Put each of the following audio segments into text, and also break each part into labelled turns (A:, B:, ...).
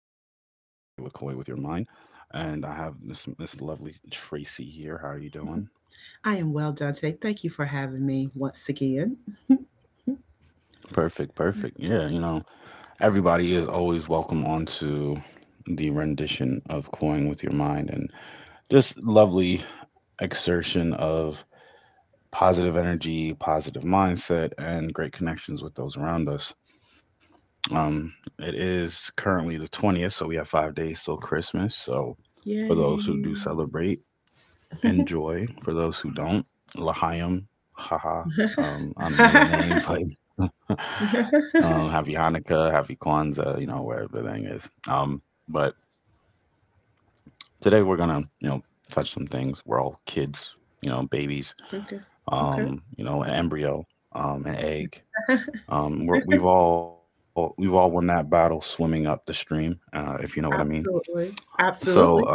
A: Koi with Your Mind, and I have this lovely Tracy here. How are you doing?
B: I am well, Dante. Thank you for having me once again.
A: Perfect, perfect. Yeah, you know, everybody is always welcome onto the rendition of Coin with Your Mind and just lovely exertion of positive energy, positive mindset, and great connections with those around us. Um, it is currently the 20th, so we have 5 days till Christmas. So for those who do
B: Yay.
A: celebrate, enjoy. For those who don't, Lahayim, haha. I don't know the name, but
B: Okay.
A: happy Hanukkah, happy Kwanzaa, you know where everything is. But today we're gonna, touch some things. We're all kids, you know, babies, you
B: Okay.
A: know, an embryo, an egg. We've all won that battle swimming up the stream, if you know what I mean.
B: Absolutely.
A: So uh,
B: Absolutely.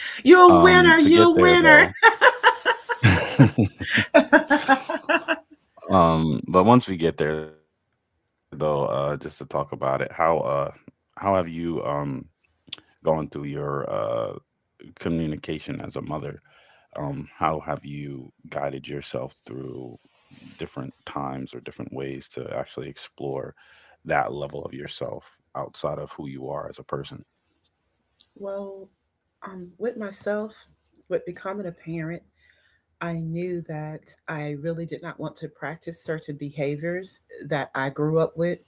B: You a
A: to get
B: winner.
A: there
B: You a
A: though.
B: winner.
A: But once we get there though, just to talk about it, how have you gone through your communication as a mother? How have you guided yourself through different times or different ways to actually explore that level of yourself outside of who you are as a person?
B: Well, with myself, with becoming a parent, I knew that I really did not want to practice certain behaviors that I grew up with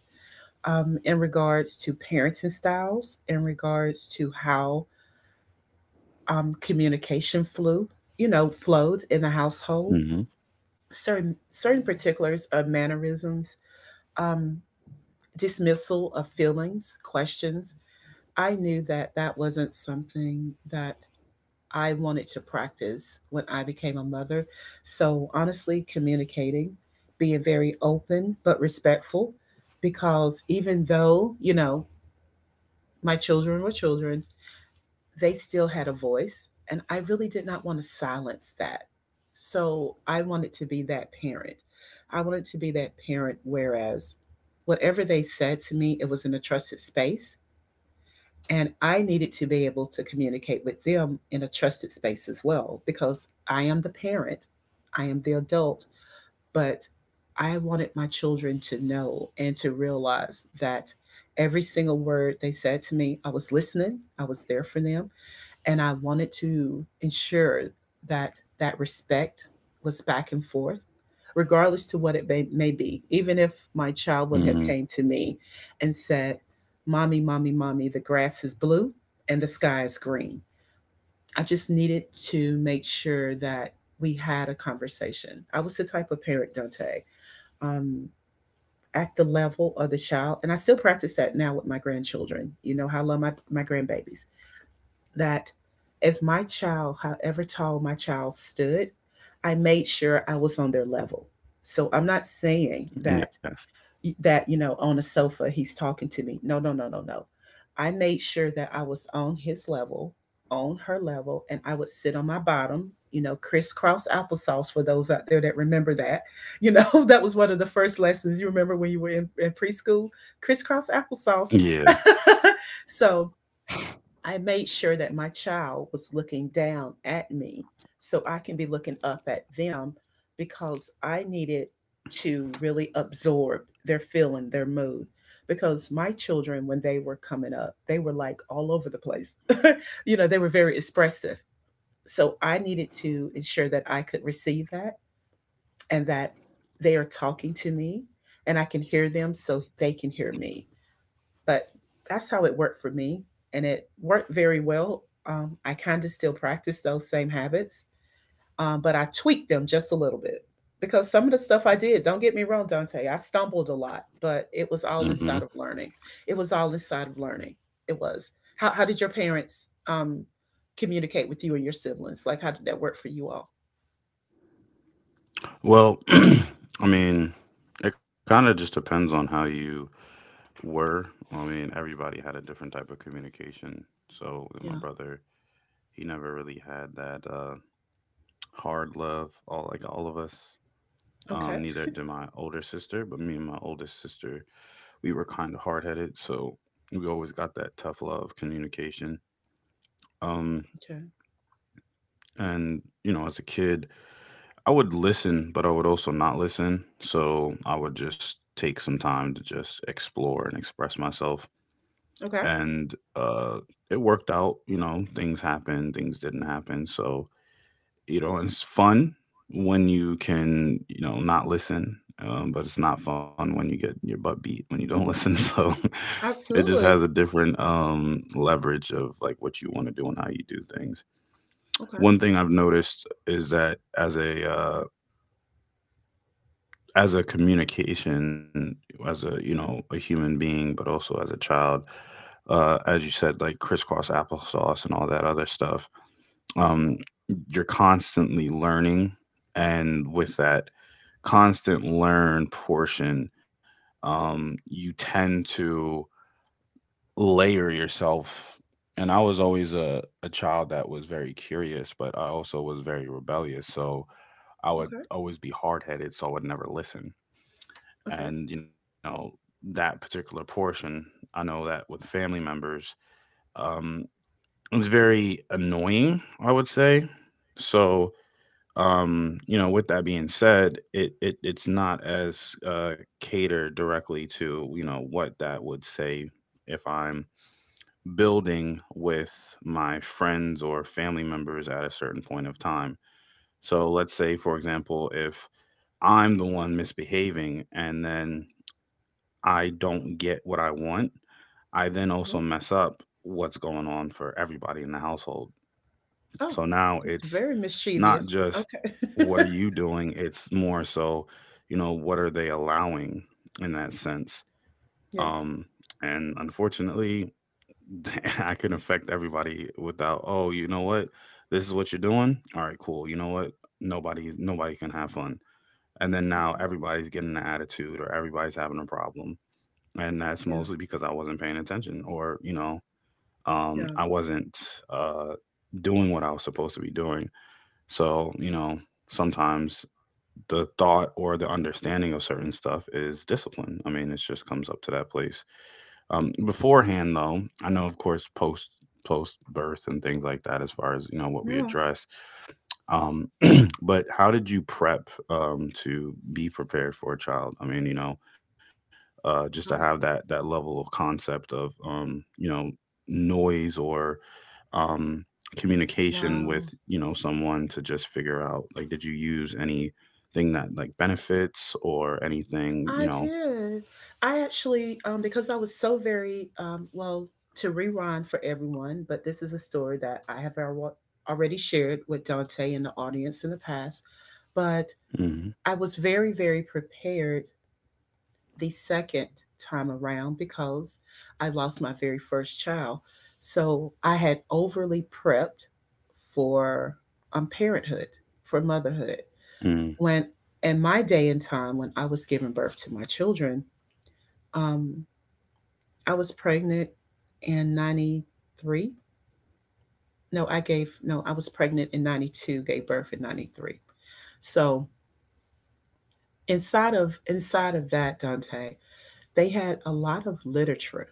B: in regards to parenting styles, in regards to how communication flew, flowed in the
A: Mm-hmm.
B: household. Certain particulars of mannerisms, um, dismissal of feelings, questions. I knew that that wasn't something that I wanted to practice when I became a mother. So honestly, communicating, being very open but respectful, because even though my children were children, they still had a voice, and I really did not want to silence that. So I wanted to be that parent. I wanted to be that parent, whereas whatever they said to me, it was in a trusted space. And I needed to be able to communicate with them in a trusted space as well, because I am the parent, I am the adult, but I wanted my children to know and to realize that every single word they said to me, I was listening, I was there for them, and I wanted to ensure that that respect was back and forth, regardless to what it may be. Even if my child would
A: Mm-hmm.
B: have came to me and said, "Mommy, mommy, mommy, the grass is blue and the sky is green," I just needed to make sure that we had a conversation. I was the type of parent, Dante. Um, at the level of the child, and I still practice that now with my grandchildren. How I love my grandbabies that if my child, however tall my child stood, I made sure I was on their level. So I'm not saying
A: Yes.
B: that that on a sofa he's talking to me. No, no, no, no, no. I made sure that I was on his level, on her level, and I would sit on my bottom. Crisscross applesauce for those out there that remember that. That was one of the first lessons you remember when you were in preschool. Crisscross applesauce.
A: Yeah.
B: So I made sure that my child was looking down at me so I can be looking up at them because I needed to really absorb their feeling, their mood. Because my children, when they were coming up, they were like all over the place. They were very expressive. So I needed to ensure that I could receive that and that they are talking to me and I can hear them so they can hear me, but that's how it worked for me, and it worked very well. I kind of still practice those same habits, but I tweaked them just a little bit, because some of the stuff I did, don't get me wrong, Dante, I stumbled a lot, but it was all
A: Mm-hmm.
B: inside of learning. It was all inside of learning. It was how did your parents communicate with you and your siblings, like how did that work for you all?
A: Well, I mean, it kind of just depends on how you were. I mean, everybody had a different type of communication. So, and my
B: Yeah.
A: brother, he never really had that hard love. All like all of us.
B: Okay.
A: Neither did my older sister, but me and my oldest sister, we were kind of hard headed. So we always got that tough love communication. Um,
B: Okay.
A: and you know, as a kid, I would listen, but I would also not listen. So I would just take some time to just explore and express myself,
B: Okay.
A: and it worked out. You know, things happened, things didn't happen. So, you know, it's fun when you can, you know, not listen, but it's not fun when you get your butt beat when you don't listen. So it just has a
B: Absolutely.
A: different leverage of like what you want to do and how you do things. One
B: Okay.
A: thing I've noticed is that as a communication, as a, you know, a human being, but also as a child, as you said, like crisscross applesauce and all that other stuff.
B: Hmm.
A: um, you're constantly learning, and with that constant learn portion, you tend to layer yourself. And I was always a child that was very curious, but I also was very rebellious, so I would
B: Okay.
A: always be hard-headed, so I would never listen.
B: Okay.
A: And you know, that particular portion, I know that with family members, um, it's very annoying, I would say. So you know, with that being said, it's not as catered directly to, you know, what that would say if I'm building with my friends or family members at a certain point of time. So let's say for example, if I'm the one misbehaving and then I don't get what I want, I then
B: Mm-hmm.
A: also mess up what's going on for everybody in the household.
B: Oh,
A: So now
B: it's
A: it's
B: very
A: not
B: mischievous.
A: just
B: Okay.
A: what are you doing, it's more so, you know, what are they allowing in that sense.
B: Yes.
A: um and unfortunately, I can affect everybody. Without, oh, you know what, this is what you're doing, all right, cool, you know what, nobody can have fun. And then now
B: Okay.
A: everybody's getting an attitude or everybody's having a problem. And that's
B: Yeah.
A: mostly because I wasn't paying attention, or you know,
B: Yeah.
A: I wasn't uh doing what I was supposed to be doing. So you know, sometimes the thought or the understanding of certain stuff is discipline. I mean, it just comes up to that place. Beforehand though, I know, of course, post birth and things like that, as far as, you know, what we
B: Yeah.
A: address. Um, but how did you prep to be prepared for a child? I mean, you know, just to have that
B: Um,
A: that level of concept of, you know, noise or, um, communication with,
B: wow.
A: you know, someone to just figure out like, did you use anything that like benefits or anything, you
B: I
A: know?
B: did. I actually, because I was so very, well, to rewind for everyone, but this is a story that I have already shared with Dante and the audience in the past. But
A: Mm-hmm.
B: I was very, very prepared the second time around because I lost my very first child. So I had overly prepped for parenthood, for motherhood.
A: Mm.
B: When in my day and time, when I was giving birth to my children, um, I was pregnant in 93. No, I gave, no, I was pregnant in 92, gave birth in 93. So inside of that, Dante, they had a lot of literature.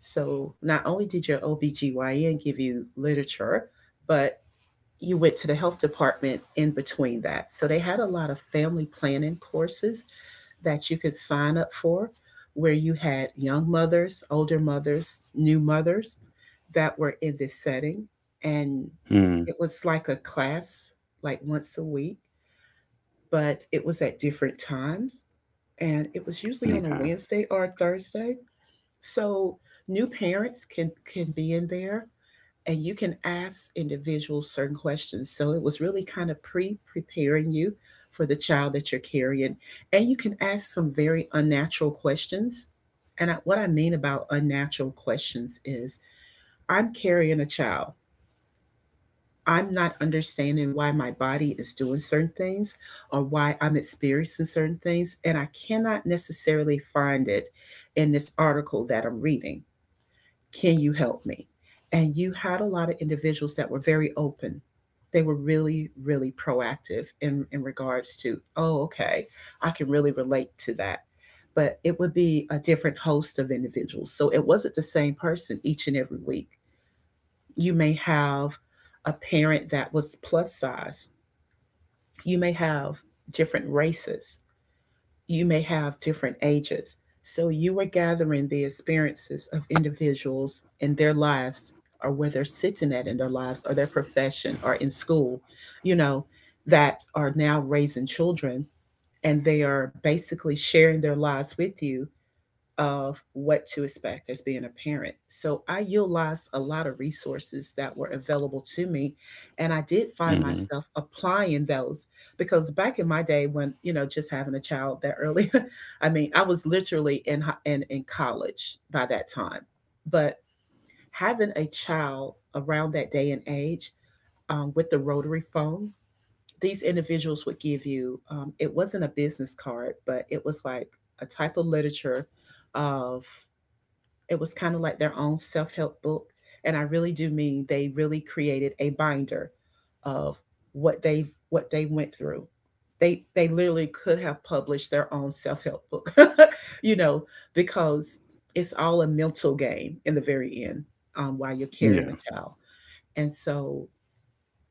B: So not only did your OBGYN give you literature, but you went to the health department in between that. So they had a lot of family planning courses that you could sign up for, where you had young mothers, older mothers, new mothers that were in this setting, and
A: Mm.
B: it was like a class, like once a week, but it was at different times, and it was usually on a
A: Okay.
B: Wednesday or a Thursday, so new parents can be in there and you can ask individuals certain questions. So it was really kind of pre-preparing you for the child that you're carrying, and you can ask some very unnatural questions. And what I mean about unnatural questions is I'm carrying a child. I'm not understanding why my body is doing certain things or why I'm experiencing certain things, and I cannot necessarily find it in this article that I'm reading. Can you help me? And you had a lot of individuals that were very open. They were really, really proactive in regards to, oh, okay, I can really relate to that. But it would be a different host of individuals, so it wasn't the same person each and every week. You may have a parent that was plus size, you may have different races, you may have different ages. So you are gathering the experiences of individuals in their lives, or where they're sitting at in their lives or their profession or in school, you know, that are now raising children, and they are basically sharing their lives with you of what to expect as being a parent. So I utilized a lot of resources that were available to me. And I did find
A: Mm-hmm.
B: myself applying those, because back in my day when, just having a child that early, I mean, I was literally in college by that time. But having a child around that day and age, with the rotary phone, these individuals would give you, it wasn't a business card, but it was like a type of literature, of, it was kind of like their own self help book. And I really do mean they really created a binder of what they went through. They literally could have published their own self help book, you know, because it's all a mental game in the very end while you're carrying
A: Yeah.
B: a child. And so,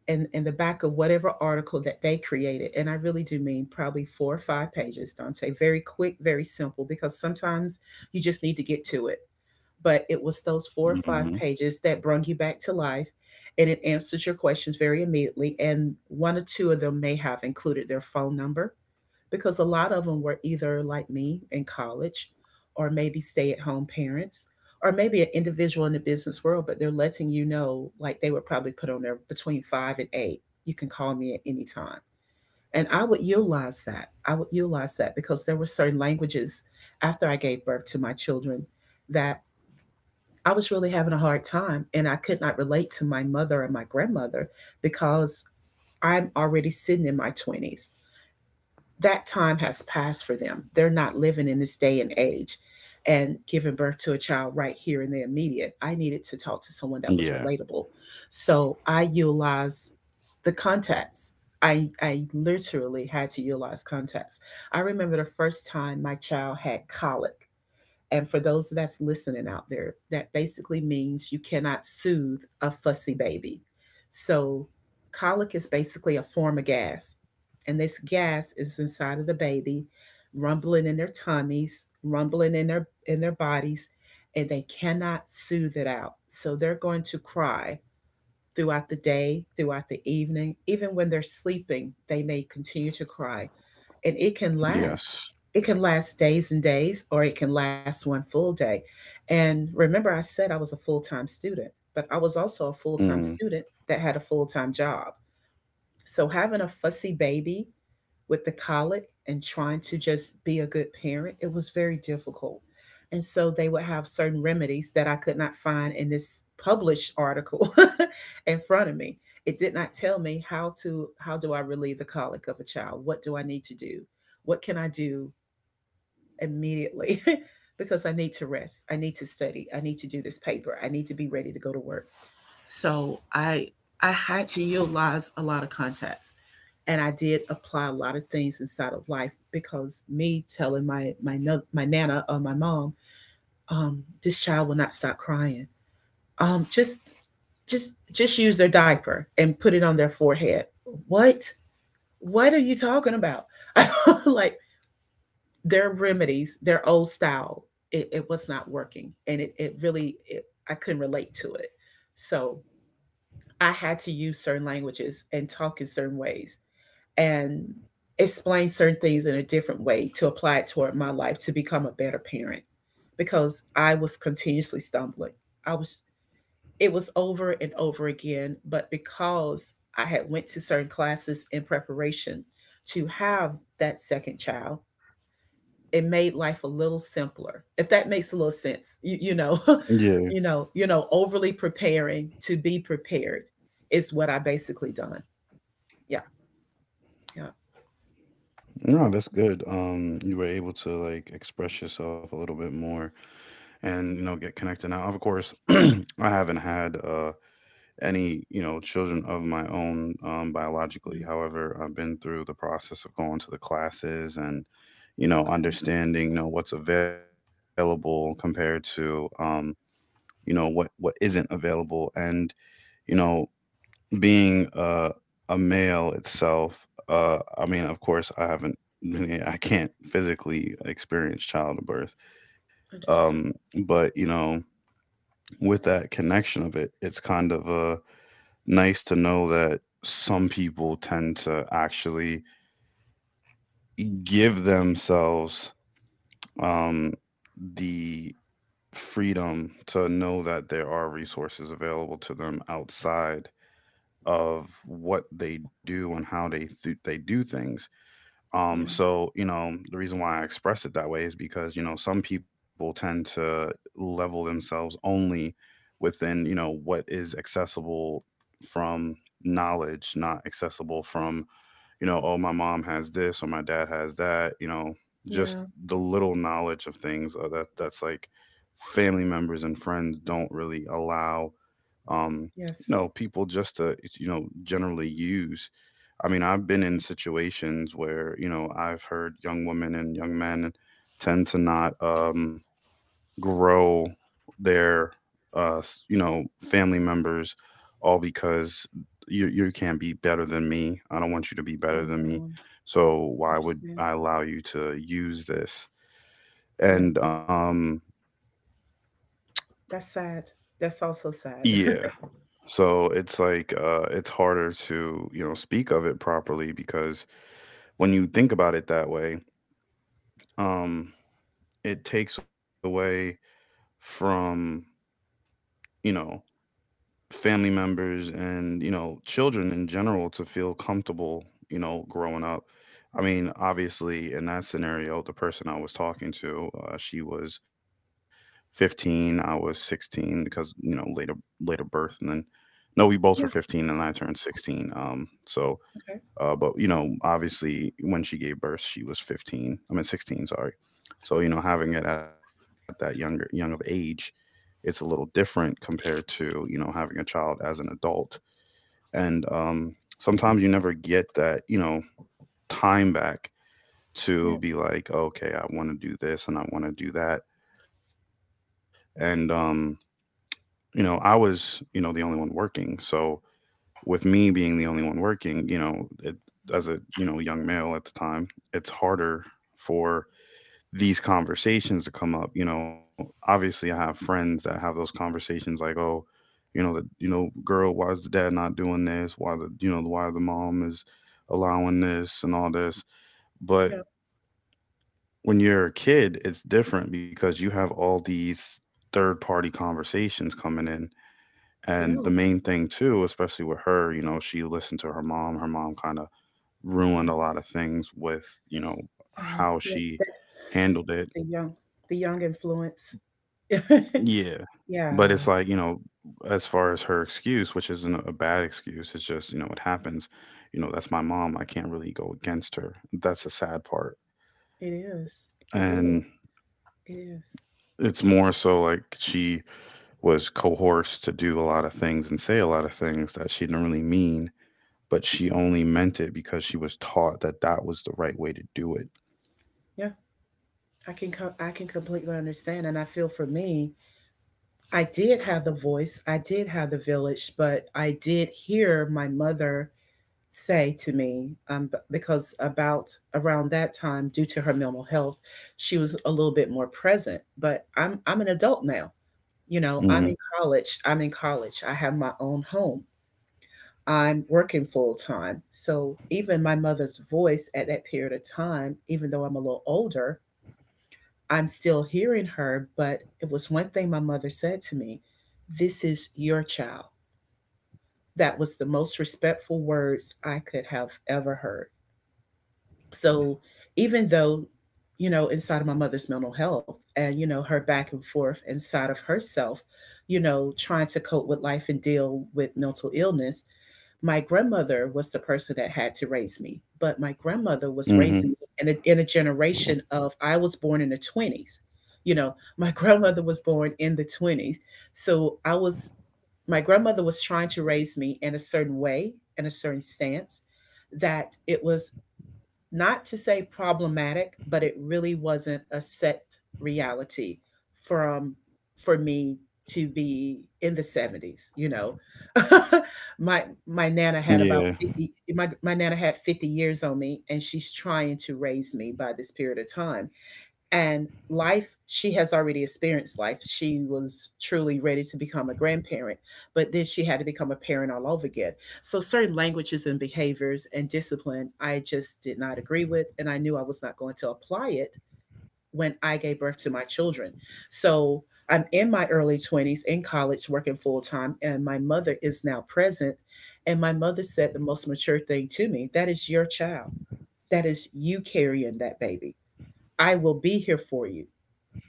B: in the back of whatever article that they created, and I really do mean probably four or five pages, Dante, very quick, very simple, because sometimes you just need to get to it, but it was those four or five
A: Mm-hmm.
B: pages that brought you back to life, and it answers your questions very immediately, and one or two of them may have included their phone number, because a lot of them were either like me in college, or maybe stay at home parents, or maybe an individual in the business world, but they're letting you know, like, they would probably put on there between 5 and 8 you can call me at any time. And I would utilize that. I would utilize that, because there were certain languages after I gave birth to my children that I was really having a hard time, and I could not relate to my mother and my grandmother, because I'm already sitting in my 20s. That time has passed for them. They're not living in this day and age and giving birth to a child right here in the immediate. I needed to talk to someone
A: Yeah.
B: that was relatable. So I utilized the contacts. I literally had to utilize contacts. I remember the first time my child had colic, and for those that's listening out there, that basically means you cannot soothe a fussy baby. So, colic is basically a form of gas. And this gas is inside of the baby, rumbling in their tummies, rumbling in their bodies, and they cannot soothe it out. So they're going to cry throughout the day, throughout the evening, even when they're sleeping, they may continue to cry. And it can last.
A: Yes.
B: It can last days and days, or it can last one full day. And remember, I said I was a full time student, but I was also a full time
A: Mm.
B: student that had a full time job. So having a fussy baby with the colic and trying to just be a good parent, it was very difficult. And so they would have certain remedies that I could not find in this published article in front of me. It did not tell me how do I relieve the colic of a child? What do I need to do? What can I do immediately? Because I need to rest. I need to study. I need to do this paper. I need to be ready to go to work. So I had to utilize a lot of contacts, and I did apply a lot of things inside of life because me telling my my no, my nana or my mom, um, this child will not stop crying. Um, just just use their diaper and put it on their forehead. What what are you talking about? Like, their remedies, their old style, it was not working, and I couldn't relate to it. So I had to use certain languages and talk in certain ways and explain certain things in a different way to apply it toward my life to become a better parent because I was continuously stumbling. I was it was over and over again, but because I had went to certain classes in preparation to have that second child, it made life a little simpler. If that makes a little sense.
A: Yeah.
B: Overly preparing to be prepared is what I basically done. Yeah. Yeah.
A: No, that's
B: Yeah,
A: good. You were able to like express yourself a little bit more, and you know, get connected. Now of course, I haven't had any, you know, children of my own,
B: yeah.
A: biologically. However, I've been through the process of going to the classes and you know,
B: Okay,
A: understanding, you know, what's available compared to, you know, what isn't available. And you know, being a male itself, I mean, of course I haven't I can't physically experience childbirth.
B: understood.
A: um, but you know, with that connection of it, it's kind of a nice to know that some people tend to actually give themselves um, the freedom to know that there are resources available to them outside of what they do and how they they do things.
B: Yeah,
A: So you know, the reason why I express it that way is because you know, some people tend to level themselves only within, you know, what is accessible from knowledge, not accessible from, you know, oh, my mom has this or my dad has that, you know, just
B: yeah,
A: the little knowledge of things, that that's like family members and friends don't really allow, um, you
B: yes.
A: know, people just to, you know, generally use. I mean, I've been in
B: Yeah.
A: situations where, you know, I've heard young women and young men tend to not, grow their you know, family members, all because you can't be better than me, I don't want you to be
B: Oh,
A: better than me,
B: wow.
A: so why would
B: Understand.
A: I allow you to use this?
B: Yes.
A: And
B: That's sad. That's also sad.
A: yeah, so it's like, it's harder to, you know, speak of it properly, because when you think about it that way, um it takes away from, you know, family members and you know, children in general to feel comfortable, you know, growing up. I mean obviously in that scenario, the person I was talking to, she was 15, I was 16. Because you know, later birth, and then no, we both were
B: Yeah,
A: 15 and I turned 16, so
B: okay.
A: but you know, obviously when she gave birth, she was 15, I mean 16, sorry. So you know, having it at that younger young of age, it's a little different compared to, you know, having a child as an adult. And sometimes you never get that, you know, time back
B: Yes.
A: to be like, okay, I want to do this and I want to do that. And you know, I was, you know, the only one working. So with me being the only one working, you know, as a,
B: Mhm.
A: you know, young male at the time, it's harder for these conversations to come up. You know, obviously I have friends that have those conversations like, oh, you know, the you know, girl, why is the dad not doing this? Why the you know, why the mom is allowing this and all this? But
B: Yeah,
A: when you're a kid, it's different because you have all these third party conversations coming in.
B: yeah,
A: And the main thing too, especially with her, you know, she listened to her mom. Her mom kind of
B: yeah,
A: ruined a lot of things with, you know,
B: yeah,
A: how
B: yeah.
A: she
B: That
A: handled it.
B: the young influence.
A: Yeah,
B: Yeah,
A: but it's like, you know, as far as her excuse, which isn't a bad excuse, it's just, you know, it happens. You know, that's my mom. I can't really go against her. That's the sad part.
B: it is. It is.
A: And
B: It is.
A: it's more so like she was coerced to do a lot of things and say a lot of things that she didn't really mean, but she only meant it because she was taught that that was the right way to do it.
B: Yeah. I can completely understand, and I feel for me, I did have the voice, I did have the village, but I did hear my mother say to me because about around that time, due to her mental health, she was a little bit more present. But I'm an adult now.
A: Mhm.
B: You know, I'm in college, I'm in college, I have my own home, I'm working full time, so even my mother's voice at that period of time, even though I'm a little older, I'm still hearing her. But it was one thing my mother said to me: this is your child. That was the most respectful words I could have ever heard. So, even though, you know, inside of my mother's mental health, and, you know, her back and forth inside of herself, you know, trying to cope with life and deal with mental illness, my grandmother was the person that had to raise me. But my grandmother was raising
A: Mhm.
B: me in a generation of, I was born in the 20s. You know, my grandmother was born in the 20s. So I was, my grandmother was trying to raise me in a certain way, in a certain stance that it was not to say problematic, but it really wasn't a set reality from for me to be in the 70s, you know. my my nana had
A: Yeah,
B: about 50 my, my nana had 50 years on me, and she's trying to raise me by this period of time, and life she has already experienced. Life, she was truly ready to become a grandparent, but then she had to become a parent all over again. So certain languages and behaviors and discipline, I just did not agree with, and I knew I was not going to apply it when I gave birth to my children. So, I'm in my early 20s, in college, working full time, and my mother is now present, and my mother said the most mature thing to me: that is your child. That is you carrying that baby. I will be here for you.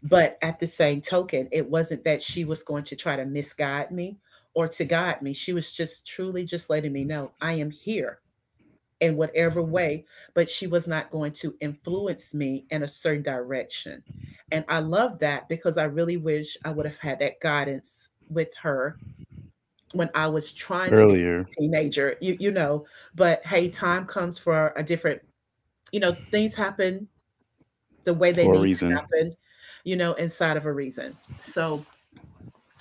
B: But at the same token, it wasn't that she was going to try to misguide me or to guide me. She was just truly just letting me know I am here in whatever way, but she was not going to influence me in a certain direction. And I love that, because I really wish I would have had that guidance with her when I was trying to become a
A: earlier.
B: teenager, you know. But hey, time comes for a different, things happen the way they need
A: For a reason.
B: to happen, inside of a reason. So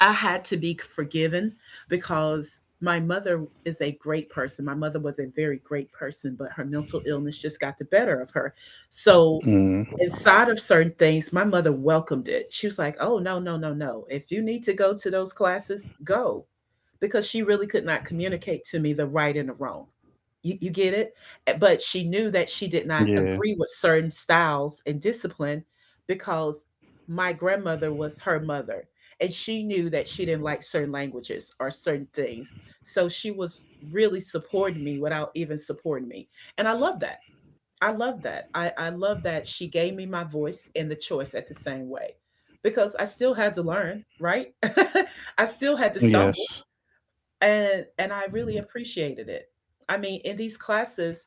B: I had to be forgiven because my mother is a great person. My mother was a very great person, but her mental illness just got the better of her. So,
A: Mm,
B: inside of certain things, my mother welcomed it. She was like, oh, no, no, no, no. If you need to go to those classes, go. Because she really could not communicate to me the right and the wrong. You get it? But she knew that she did not
A: yeah,
B: agree with certain styles and discipline because my grandmother was her mother. And she knew that she didn't like certain languages or certain things. So she was really supporting me without even supporting me. And I love that. I love that. I love that she gave me my voice and the choice at the same way, because I still had to learn, right? I still had to stumble.
A: yes.
B: And I really appreciated it. I mean, in these classes,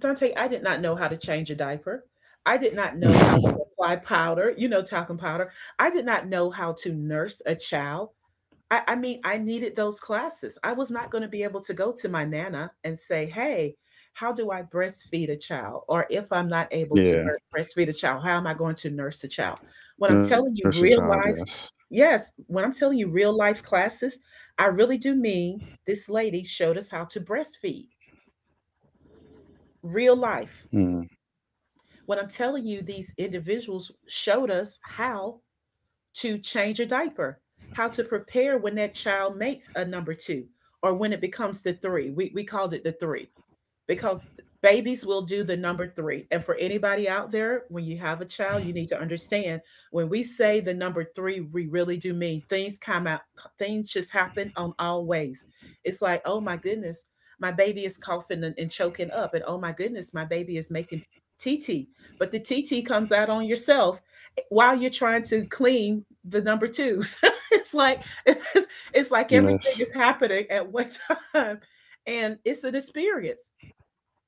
B: Dante, I did not know how to change a diaper. I did not know how to apply powder, you know, talcum powder. I did not know how to nurse a child. I mean, I needed those classes. I was not going to be able to go to my nana and say, hey, how do I breastfeed a child? Or if I'm not able to
A: Yeah,
B: breastfeed a child, how am I going to nurse a child? When I'm
A: nurse a
B: telling you
A: child,
B: real
A: yes.
B: life, yes, when I'm telling you real life classes, I really do mean this lady showed us how to breastfeed, real life.
A: Mm,
B: What I'm telling you, these individuals showed us how to change a diaper, how to prepare when that child makes a number two, or when it becomes the three. We called it the three because babies will do the number three. And for anybody out there, when you have a child, you need to understand when we say the number three, we really do mean things come out, things just happen on all ways. It's like, oh my goodness, my baby is coughing and choking up, and oh my goodness, my baby is making TT. But the TT comes out on yourself while you're trying to clean the number twos. it's like it's, it's
A: yes.
B: like everything is happening at one time, and it's an experience.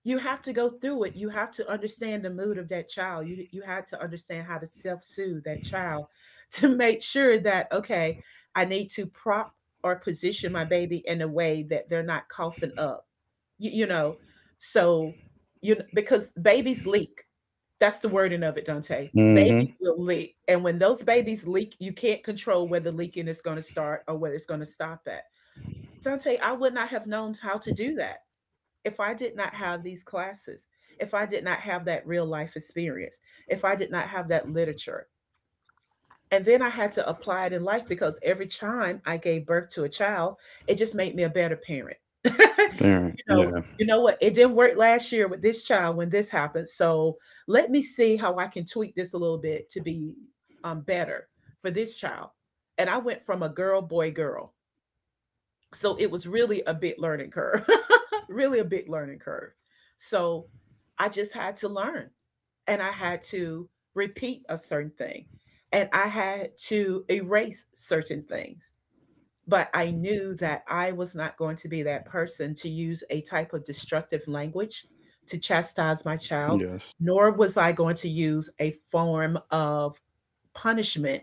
B: You have to go through it. You have to understand the mood of that child. You had to understand how to self-soothe that child to make sure that, okay, I need to prop or position my baby in a way that they're not coughing up, you know. So, you because babies leak. That's the wording of it, Dante. Babies
A: Mm-hmm.
B: will leak, and when those babies leak, you can't control where the leaking is going to start or where it's going to stop at. Dante, I would not have known how to do that if I did not have these classes, if I did not have that real life experience, if I did not have that literature. And then I had to apply it in life because every time I gave birth to a child, it just made me a better parent.
A: Parent,
B: you know,
A: yeah,
B: you know what? It didn't work last year with this child when this happened. So let me see how I can tweak this a little bit to be better for this child. And I went from a girl, boy, girl, so it was really a big learning curve, really a big learning curve. So I just had to learn, and I had to repeat a certain thing, and I had to erase certain things. But I knew that I was not going to be that person to use a type of destructive language to chastise my child,
A: yes.
B: nor was I going to use a form of punishment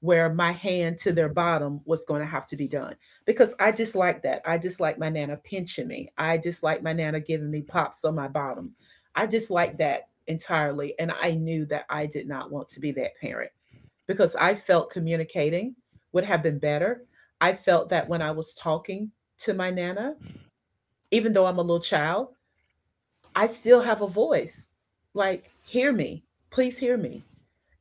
B: where my hand to their bottom was going to have to be done, because I dislike that. I dislike my nana pinching me. I dislike my nana giving me pops on my bottom. I dislike that entirely. And I knew that I did not want to be that parent because I felt communicating would have been better. I felt that when I was talking to my nana, even though I'm a little child, I still have a voice. Like, hear me. Please hear me.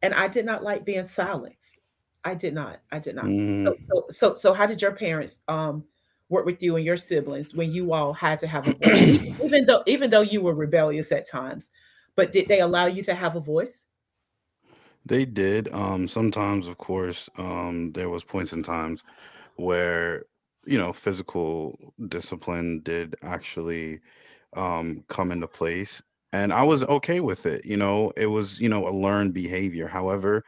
B: And I did not like being silenced. I did not. I did not. So
A: Mm.
B: so so so how did your parents work with you and your siblings when you all had to have a voice? Even, even though even though you were rebellious at times, but did they allow you to have a voice?
A: They did. Sometimes, of course, there was points in times where, you know, physical discipline did actually come into place. And I was okay with it. You know, it was, you know, a learned behavior. However,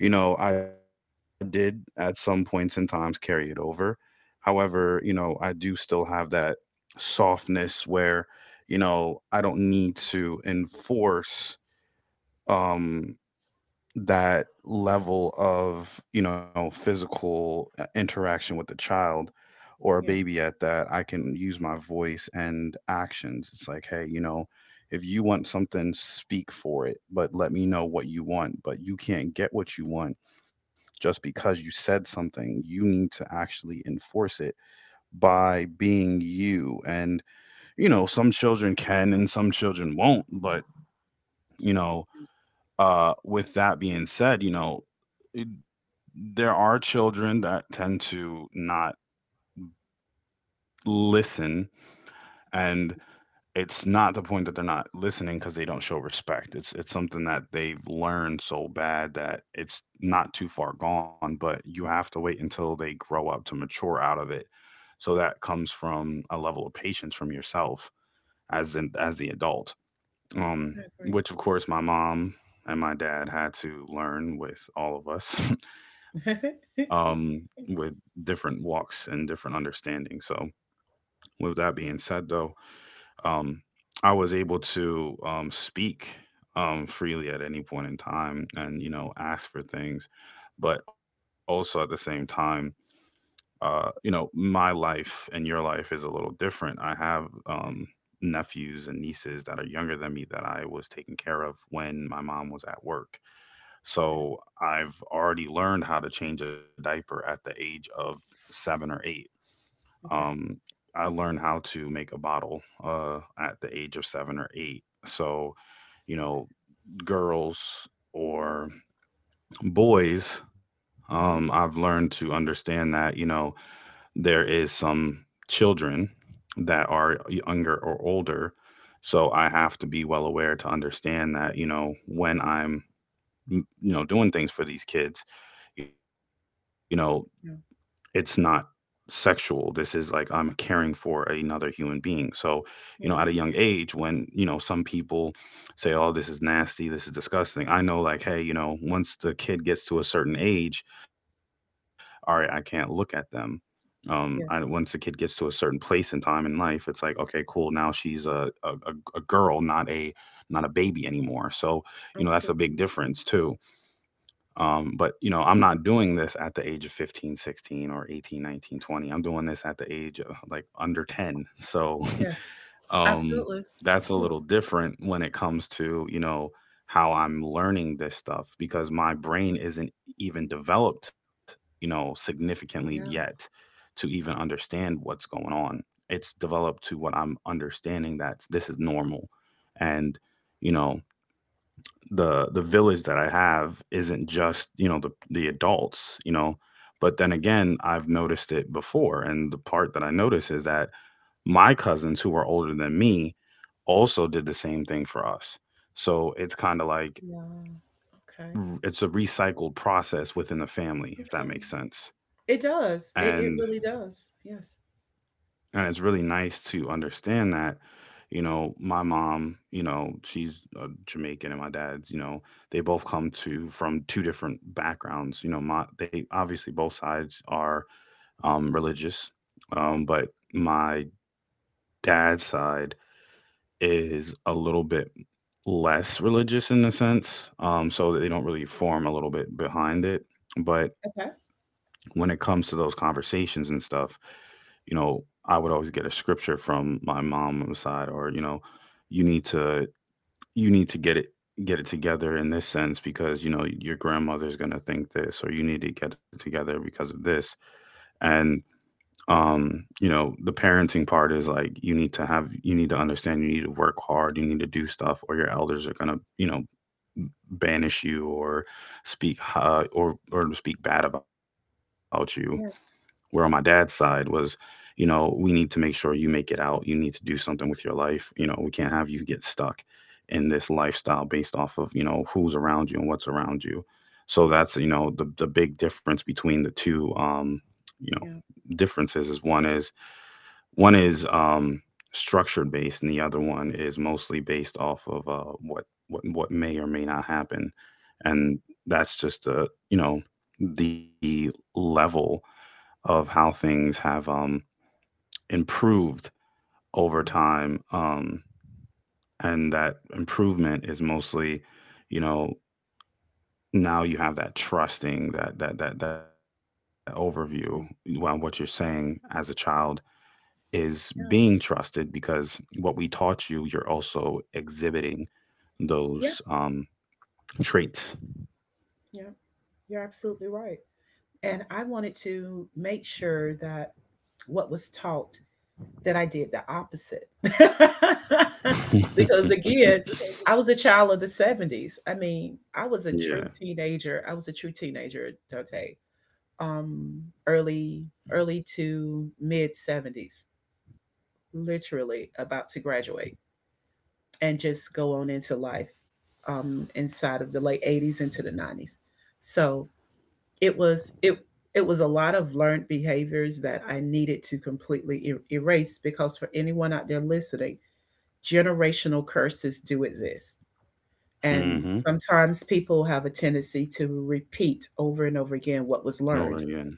A: you know, I did at some points and times carry it over. However, you know, I do still have that softness where, you know, I don't need to enforce um that level of, you know, physical interaction with a child or a
B: Yeah.
A: baby at that. I can use my voice and actions. It's like, hey, you know, if you want something, speak for it. But let me know what you want. But you can't get what you want just because you said something. You need to actually enforce it by being you. And, you know, some children can and some children won't. But, you know, with that being said, you know, there are children that tend to not listen. And it's not the point that they're not listening because they don't show respect. It's something that they've learned so bad that it's not too far gone, but you have to wait until they grow up to mature out of it. So that comes from a level of patience from yourself, as in as the adult. Um,
B: I agree.
A: which of course my mom and my dad had to learn with all of us with different walks and different understandings. So, with that being said, though, um, I was able to speak freely at any point in time and, you know, ask for things. But also at the same time, you know, my life and your life is a little different. I have
B: Yes.
A: nephews and nieces that are younger than me that I was taking care of when my mom was at work.
B: Okay.
A: So I've already learned how to change a diaper at the age of seven or eight.
B: Okay.
A: Um, I learned how to make a bottle at the age of seven or eight. So, you
B: Okay.
A: know, girls or boys, I've
B: Hmm.
A: learned to understand that, you know, there is some children that are younger or older. So I have to be well aware to understand that, you know, when I'm, you know, doing things for these kids, you know, it's
B: Yeah.
A: not sexual. This is like I'm caring for another human being. So, you know, at a young
B: Yes.
A: age, when, you know, some people say, oh, this is nasty, this is disgusting, I know, like, hey, you know, once the kid gets to a certain age, all right, I can't look at them. Once the kid
B: Yes.
A: gets to a certain place in time in life, it's like, okay, cool, now she's a girl, not a baby anymore. So, you know, that's a big
B: Absolutely.
A: difference too. But you know, I'm not doing this at the age of 15 16 or 18 19 20. I'm doing this at the age of like under 10. So,
B: Yes,
A: um,
B: absolutely.
A: that's a little
B: Yes.
A: different when it comes to, you know, how I'm learning this stuff because my brain isn't even developed, you know, significantly yet
B: Yeah.
A: to even understand what's going on. It's developed to what I'm understanding, that this is normal. And, you know, the village that I have isn't just, you know, the adults, you know. But then again, I've noticed it before, and the part that I notice is that my cousins who are older than me also did the same thing for us. So it's kind of like,
B: Yeah. Okay.
A: it's a recycled process within the family, if that
B: Okay.
A: makes sense.
B: It does. It
A: and
B: really does. Yes.
A: And it's really nice to understand that, you know, my mom, you know, she's Jamaican, and my dad's, you know, they both come to from two different backgrounds. You know, my they obviously both sides are religious. But my dad's side is a little bit less religious in the sense. So that they don't really form a little bit behind it. But
B: Okay.
A: when it comes to those conversations and stuff, you know, I would always get a scripture from my mom's side, or, you know, you need to get it together in this sense because, you know, your grandmother's going to think this, or you need to get it together because of this. And you know, the parenting part is like, you need to have, you need to understand, you need to work hard, you need to do stuff, or your elders are going to, you know, banish you or speak or speak bad about you. Where on my
B: Yes.
A: dad's side was, you know, we need to make sure you make it out. You need to do something with your life. You know, we can't have you get stuck in this lifestyle based off of, you know, who's around you and what's around you. So that's, you know, the big difference between the two. You know,
B: Yeah.
A: differences is one is one is um structured based, and the other one is mostly based off of what may or may not happen. And that's just a, you know, the level of how things have improved over
B: Yeah.
A: time. And that improvement is mostly, you know, now you have that trusting that overview on what you're
B: Yeah.
A: saying as a child is being
B: Yeah.
A: trusted because what we taught you, you're also exhibiting those
B: Yeah.
A: traits.
B: Yeah. You're absolutely right. And I wanted to make sure that what was taught, that I did the opposite. Because again, I was a child of the 70's. I mean, I was a
A: Yeah.
B: true teenager. I was a true teenager, Dante. um, Early to mid 70's, literally about to graduate and just go on into life, inside of the late 80's into the 90's. So it was it it was a lot of learned behaviors that I needed to completely erase, because for anyone out there listening, generational curses do exist.
A: Mm-hmm.
B: And sometimes people have a tendency to repeat over and over again what was
A: Over
B: learned.
A: again.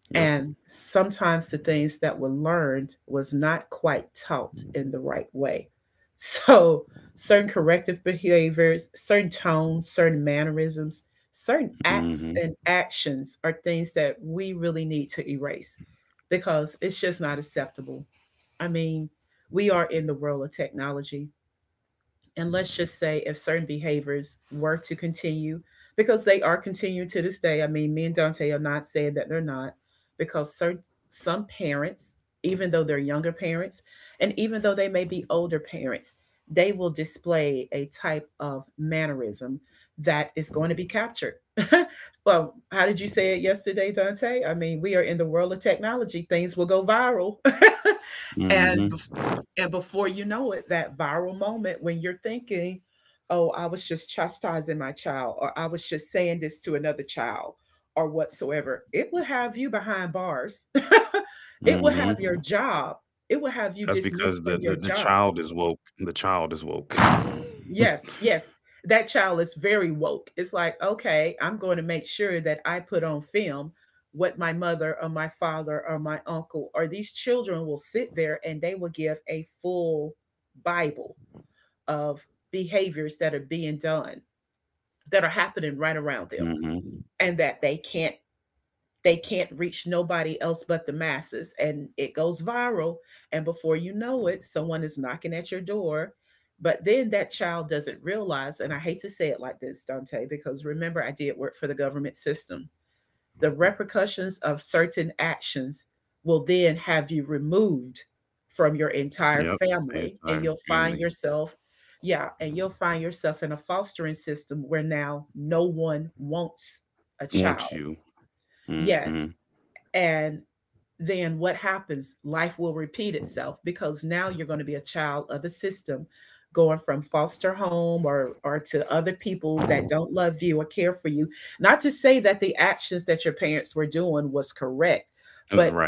A: Yep.
B: And sometimes the things that were learned was not quite taught in the right way. So certain corrective behaviors, certain tones, certain mannerisms, certain acts
A: Mm-hmm.
B: and actions are things that we really need to erase because it's just not acceptable. I mean, we are in the world of technology, and let's just say if certain behaviors were to continue, because they are continuing to this day. I mean, me and Dante are not saying that they're not. Because certain some parents, even though they're younger parents, and even though they may be older parents, they will display a type of mannerism that is going to be captured. Well, how did you say it yesterday, Dante? I mean, we are in the world of technology. Things will go viral. and
A: Mm-hmm.
B: and before you know it, that viral moment when you're thinking, oh, I was just chastising my child, or I was just saying this to another child, or whatsoever, it would have you behind bars. It would have
A: Mm-hmm.
B: your job. It would have you
A: That's because
B: dismissed from
A: the,
B: your
A: the, the
B: job.
A: child is woke. The child is woke.
B: Yes, yes. That child is very woke. It's like, okay, I'm going to make sure that I put on film what my mother or my father or my uncle, or these children will sit there and they will give a full Bible of behaviors that are being done, that are happening right around them,
A: Hmm.
B: and that they can't reach nobody else but the masses, and it goes viral. And before you know it, someone is knocking at your door. But then that child doesn't realize, and I hate to say it like this, Dante, because remember, I did work for the government system, the repercussions of certain actions will then have you removed from your entire
A: Yep. My
B: family, and
A: entire
B: you'll find
A: family
B: yourself, yeah, and you'll find yourself in a fostering system where now no one wants a
A: wants
B: child.
A: you. Hmm.
B: Yes. And then what happens? Life will repeat itself, because now you're going to be a child of the system, going from foster home or to other people that don't love you or care for you. Not to say that the actions that your parents were doing was correct,
A: It was right.
B: but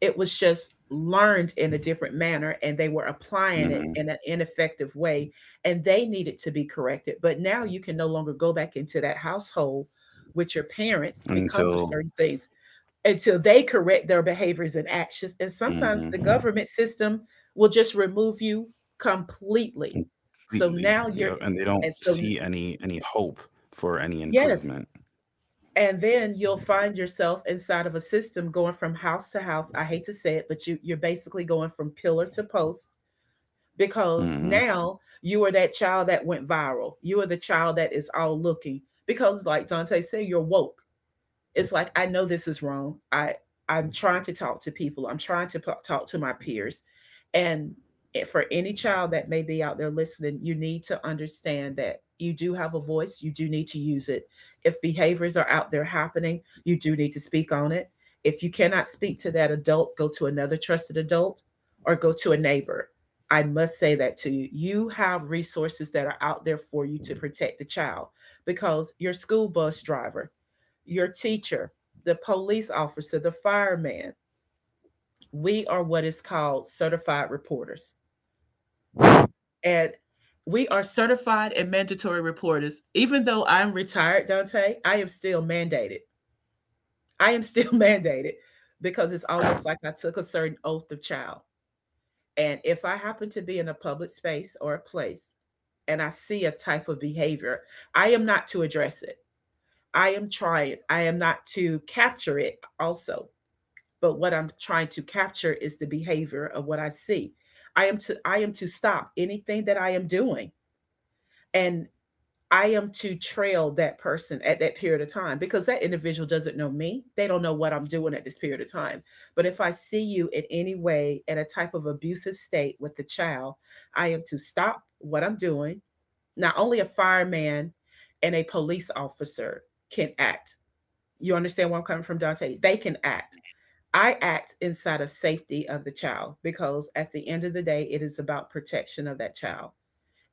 B: it was just learned in a different manner and they were applying it
A: Hmm.
B: in an ineffective way, and they needed to be corrected. But now you can no longer go back into that household with your parents because of
A: Until.
B: certain things, until they correct their behaviors and actions. And sometimes the
A: Hmm.
B: government system will just remove you completely. So
A: Completely.
B: now
A: Yep.
B: you're,
A: And they don't
B: and so,
A: see any hope for any
B: yes.
A: improvement.
B: And then you'll find yourself inside of a system going from house to house. I hate to say it, but you're basically going from pillar to post because
A: Hmm.
B: now you are that child that went viral. You are the child that is all looking because, like Dante said, you're woke. It's like, I know this is wrong. I'm trying to talk to people. I'm trying to talk to my peers. And for any child that may be out there listening, you need to understand that you do have a voice, you do need to use it. If behaviors are out there happening, you do need to speak on it. If you cannot speak to that adult, go to another trusted adult, or go to a neighbor. I must say that to you, you have resources that are out there for you, to protect the child. Because your school bus driver, your teacher, the police officer, the fireman. We are what is called certified reporters. And we are certified and mandatory reporters. Even though I'm retired, Dante, I am still mandated. I am
A: Hmm.
B: still mandated, because it's almost like I took a certain oath of child. And if I happen to be in a public space or a place, and I see a type of behavior, I am not to address it. I am trying. I am not to capture it also. But what I'm trying to capture is the behavior of what I see. I am to stop anything that I am doing, and I am to trail that person at that period of time, because that individual doesn't know me. They don't know what I'm doing at this period of time. But if I see you in any way in a type of abusive state with the child, I am to stop what I'm doing. Not only a fireman and a police officer can act. You understand where I'm coming from, Dante? They can act. I act inside of safety of the child, because at the end of the day, it is about protection of that child.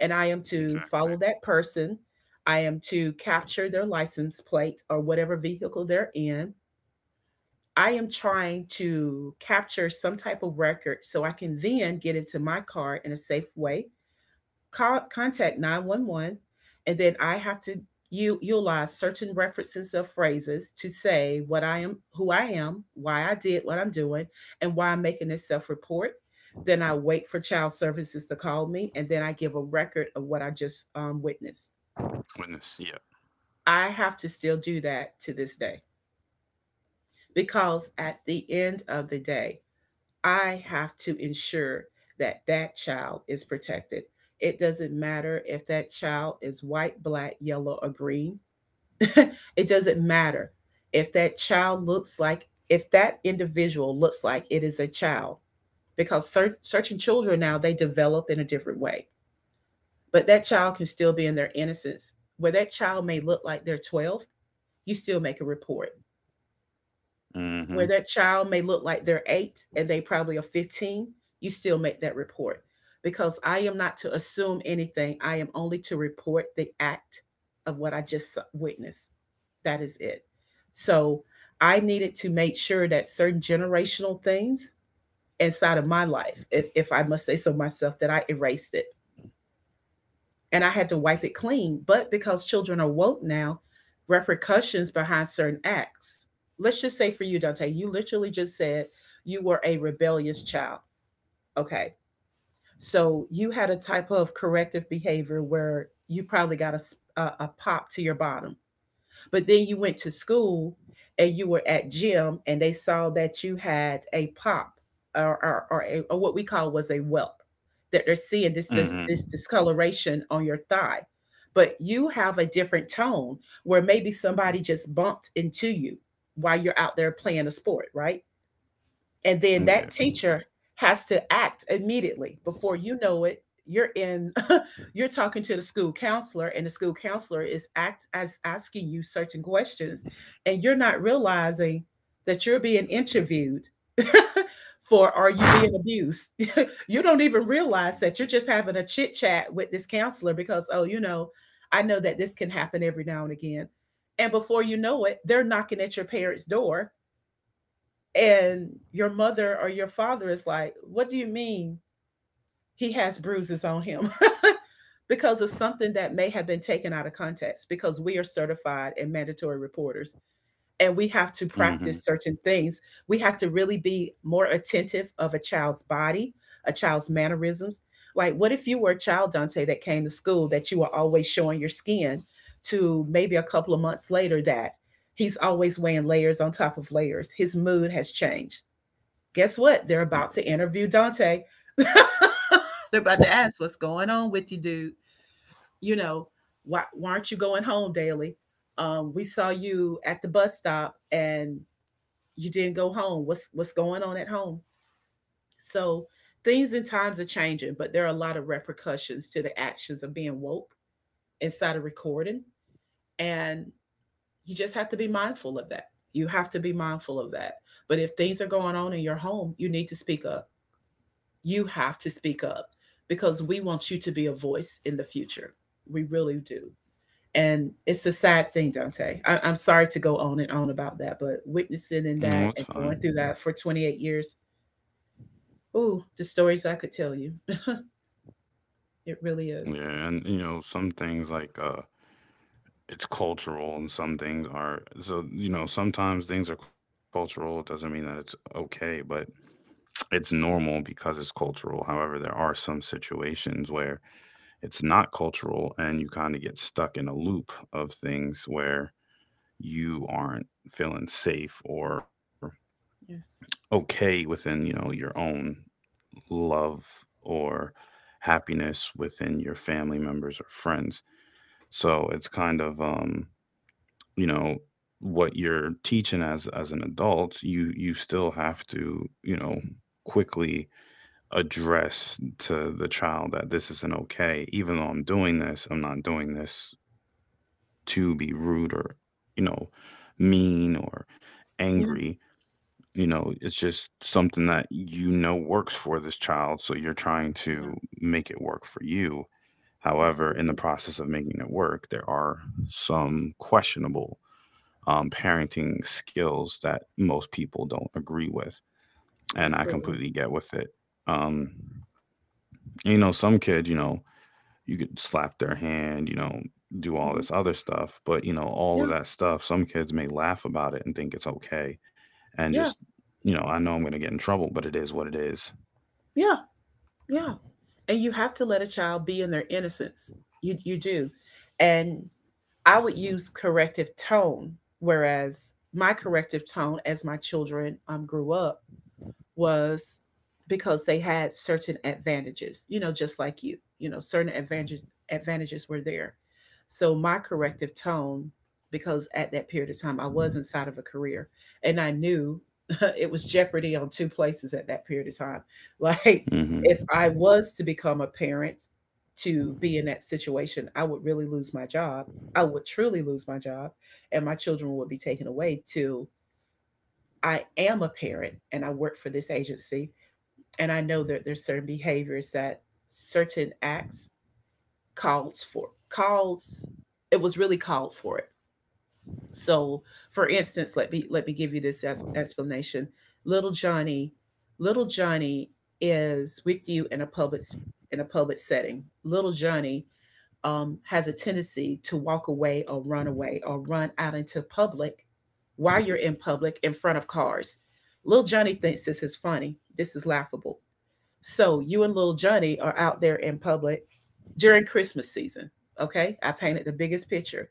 B: And I am to
A: Exactly.
B: follow that person. I am to capture their license plate or whatever vehicle they're in. I am trying to capture some type of record, so I can then get into my car in a safe way, call, contact 911, and then I have to utilize certain references of phrases to say what I am, who I am, why I did what I'm doing, and why I'm making this self-report. Then I wait for child services to call me, and then I give a record of what I just witnessed.
A: Goodness. Yeah.
B: I have to still do that to this day, because at the end of the day, I have to ensure that that child is protected. It doesn't matter if that child is white, black, yellow, or green. It doesn't matter if that child looks like, if that individual looks like it is a child, because certain children now, they develop in a different way. But that child can still be in their innocence. Where that child may look like they're 12, you still make a report.
A: Hmm.
B: Where that child may look like they're eight and they probably are 15, you still make that report, because I am not to assume anything. I am only to report the act of what I just witnessed. That is it. So I needed to make sure that certain generational things inside of my life, if I must say so myself, that I erased it and I had to wipe it clean. But because children are woke now, repercussions behind certain acts. Let's just say for you, Dante, you literally just said you were a rebellious child. Okay. So you had a type of corrective behavior where you probably got a pop to your bottom, but then you went to school and you were at gym and they saw that you had a pop, or a, or what we call was a welt, that they're seeing this
A: Hmm.
B: discoloration on your thigh. But you have a different tone, where maybe somebody just bumped into you while you're out there playing a sport, right? And then
A: Yeah.
B: that teacher has to act immediately. Before you know it, you're in you're talking to the school counselor, and the school counselor is act as asking you certain questions, and you're not realizing that you're being interviewed for, are you being abused? You don't even realize that you're just having a chit chat with this counselor, because oh, you know, I know that this can happen every now and again. And before you know it, they're knocking at your parents' door, and your mother or your father is like, what do you mean he has bruises on him? Because of something that may have been taken out of context, because we are certified and mandatory reporters, and we have to
A: Hmm.
B: practice certain things. We have to really be more attentive of a child's body, a child's mannerisms. Like, what if you were a child, Dante, that came to school that you were always showing your skin, to maybe a couple of months later that he's always weighing layers on top of layers? His mood has changed, guess what? They're about
A: Yeah.
B: to interview Dante. They're about to ask, what's going on with you, dude? You know, why aren't you going home daily? We saw you at the bus stop and you didn't go home. What's going on at home? So things and times are changing, but there are a lot of repercussions to the actions of being woke inside of recording. And you just have to be mindful of that. You have to be mindful of that. But if things are going on in your home, you need to speak up. You have to speak up because we want you to be a voice in the future. We really do. And it's a sad thing, Dante. I'm sorry to go on and on about that, but witnessing in that
A: No, it's
B: and going through
A: fine.
B: that for 28 years, ooh, the stories I could tell you. It really is.
A: Yeah, and you know, some things, like, it's cultural. And some things are, so, you know, sometimes things are cultural. It doesn't mean that it's okay, but it's normal because it's cultural. However, there are some situations where it's not cultural, and you kind of get stuck in a loop of things where you aren't feeling safe or
B: Yes.
A: okay within, you know, your own love or happiness within your family members or friends. So it's kind of you know, what you're teaching as an adult, you still have to, you know, quickly address to the child that this isn't okay. Even though I'm doing this, I'm not doing this to be rude or, you know, mean or
B: Yes.
A: angry. You know, it's just something that, you know, works for this child, so you're trying to
B: Yeah.
A: make it work for you. However, in the
B: Absolutely.
A: process of making it work, there are some questionable parenting skills that most people don't agree with. And I
B: Absolutely.
A: completely get with it. Um, you know, some kids, you know, you could slap their hand, you know, do all
B: Hmm.
A: this other stuff. But, you know,
B: Yeah.
A: all of that stuff, some kids may laugh about it and think it's okay. And
B: Yeah.
A: just, you know, I know I'm going to get in trouble, but it is what it is.
B: Yeah. Yeah. And you have to let a child be in their innocence. You do. And I would use corrective tone, whereas my corrective tone as my children grew up was because they had certain advantages, you know, just like you know, advantages were there. So my corrective tone, because at that period of time, I was inside of a career and I knew it was jeopardy on two places at that period of time. Like, if
A: Mm-hmm.
B: I was to become a parent to be in that situation, I would really lose my job. I would truly lose my job, and my children would be taken away till I am a parent and I work for this agency and I know that there's certain behaviors that certain acts calls for calls it was really called for it. So for instance, let me give you this as explanation. Little Johnny, little Johnny is with you in a in a public setting. Little Johnny has a tendency to walk away or run out into public while you're in public in front of cars. Little Johnny thinks this is funny. This is laughable. So you and little Johnny are out there in public during Christmas season. Okay, I painted the biggest picture.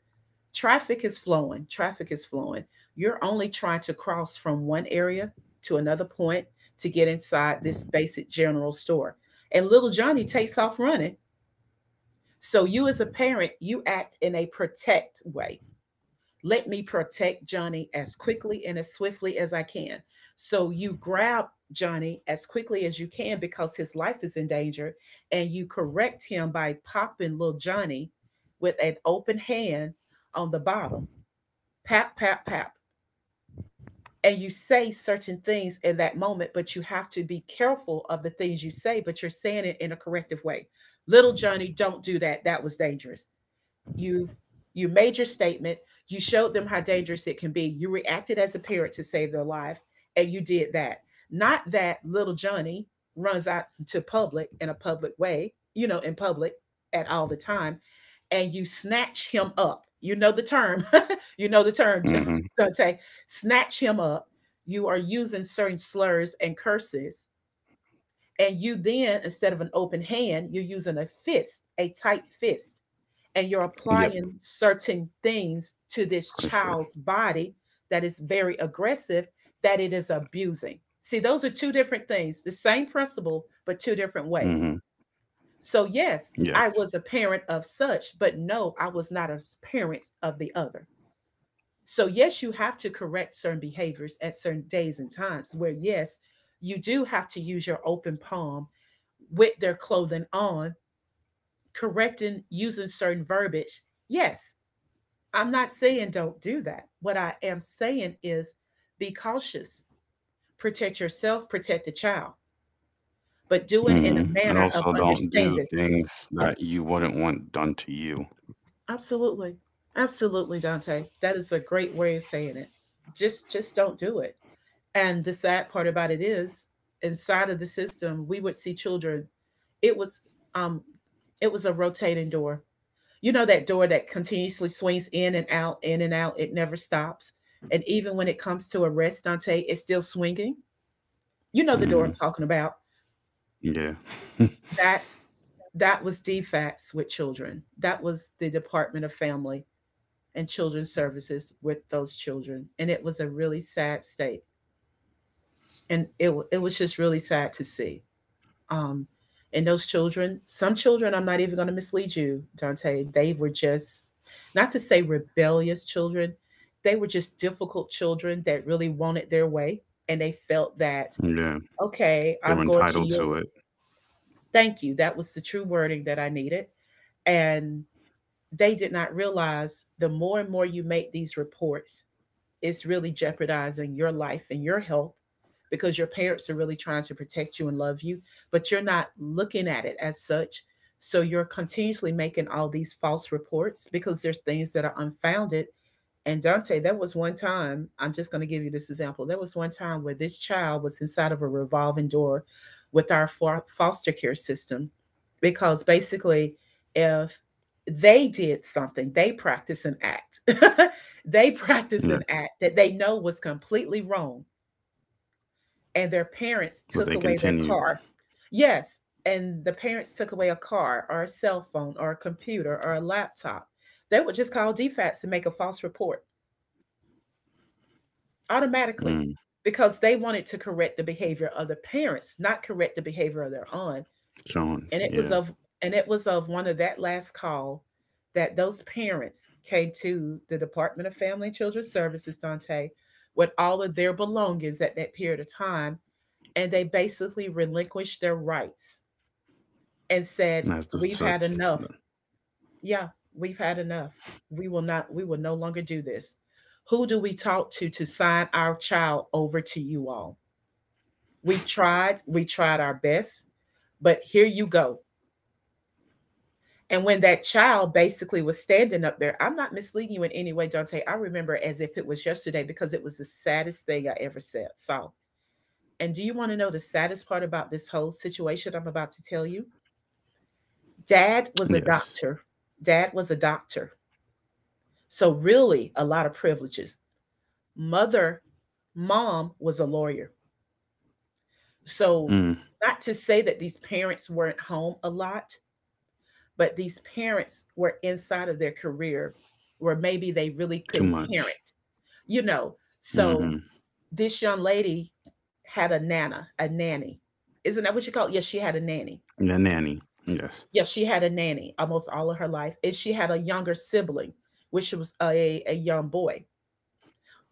B: Traffic is flowing. Traffic is flowing. You're only trying to cross from one area to another point to get inside this basic general store. And little Johnny takes off running. So you as a parent, you act in a protect way. Let me protect Johnny as quickly and as swiftly as I can. So you grab Johnny as quickly as you can because his life is in danger, and you correct him by popping little Johnny with an open hand on the bottom. Pap, pap, pap. And you say certain things in that moment, but you have to be careful of the things you say, but you're saying it in a corrective way. Little Johnny, don't do that. That was dangerous. you've you made your statement, you showed them how dangerous it can be, you reacted as a parent to save their life, and you did that. Not that little Johnny runs out to public in a public way, you know, in public at all the time, and you snatch him up, you know the term. You know the term.
A: Mm-hmm.
B: Dante, snatch him up. You are using certain slurs and curses, and you then, instead of an open hand, you're using a fist, a tight fist, and you're
A: Yep,
B: applying certain things to this
A: for sure.
B: child's body that is very aggressive, that it is abusing. See, those are two different things, the same principle, but two different ways.
A: Mm-hmm.
B: So, yes, I
A: Yes.
B: was a parent of such, but no, I was not a parent of the other. So, yes, you have to correct certain behaviors at certain days and times where, yes, you do have to use your open palm with their clothing on, correcting using certain verbiage. Yes, I'm not saying don't do that. What I am saying is be cautious, protect yourself, protect the child, but do it in a
A: Mm-hmm. And
B: manner of
A: also, don't do
B: understanding.
A: things that you wouldn't want done to you.
B: Absolutely. Absolutely, Dante. That is a great way of saying it. Just don't do it. And the sad part about it is inside of the system, we would see children. It was um it was a rotating door. You know that door that continuously swings in and out, it never stops. And even when it comes to arrest, Dante, it's still swinging. You know the door I'm
A: Mm-hmm.
B: talking about.
A: Yeah.
B: That that was DFATS with children. That was the Department of Family and Children's Services with those children, and it was a really sad state. And it was just really sad to see. Um, and those children, some children, I'm not even going to mislead you, Dante, they were just, not to say rebellious children, they were just difficult children that really wanted their way. And they felt that,
A: Yeah,
B: okay,
A: they were
B: I'm going to
A: entitled
B: yield.
A: to it.
B: Thank you. That was the true wording that I needed. And they did not realize the more and more you make these reports, it's really jeopardizing your life and your health because your parents are really trying to protect you and love you, but you're not looking at it as such. So you're continuously making all these false reports because there's things that are unfounded. And Dante, that was one time, I'm just going to give you this example. There was one time where this child was inside of a revolving door with our foster care system because basically, if they did something, they practice an act. They practice an
A: Yeah,
B: act that they know was completely wrong, and their
A: but they
B: parents took away
A: continued.
B: their car. Yes, and the parents took away a car or a cell phone or a computer or a laptop. They would just call DFATS and make a false report automatically
A: Mm,
B: because they wanted to correct the behavior of the parents, not correct the behavior of their own. And
A: showing.
B: it was
A: Yeah,
B: of and it was of one of that last call that those parents came to the Department of Family and Children's Services, Dante, with all of their belongings at that period of time, and they basically relinquished their rights and said,
A: that's the
B: "We've had
A: such.
B: enough. Yeah, we've had enough. We will not. We will no longer do this. Who do we talk to sign our child over to you all?" We tried our best, but here you go. And when that child basically was standing up there, I'm not misleading you in any way, Dante. I remember as if it was yesterday because it was the saddest thing I ever saw. And do you want to know the saddest part about this whole situation I'm about to tell you? Dad was a
A: Yes.
B: doctor. Dad was a doctor. So, really, a lot of privileges. Mother, mom was a lawyer.
A: Mm,
B: So, not to say that these parents weren't home a lot, but these parents were inside of their career where maybe they
A: too
B: really couldn't
A: much.
B: parent, you know.
A: Mm-hmm.
B: So this young lady had a a nanny. Isn't that what you call it? Yes, she had a nanny.
A: The nanny. Yes.
B: Yes, she had a nanny almost all of her life. And she had a younger sibling, which was a young boy.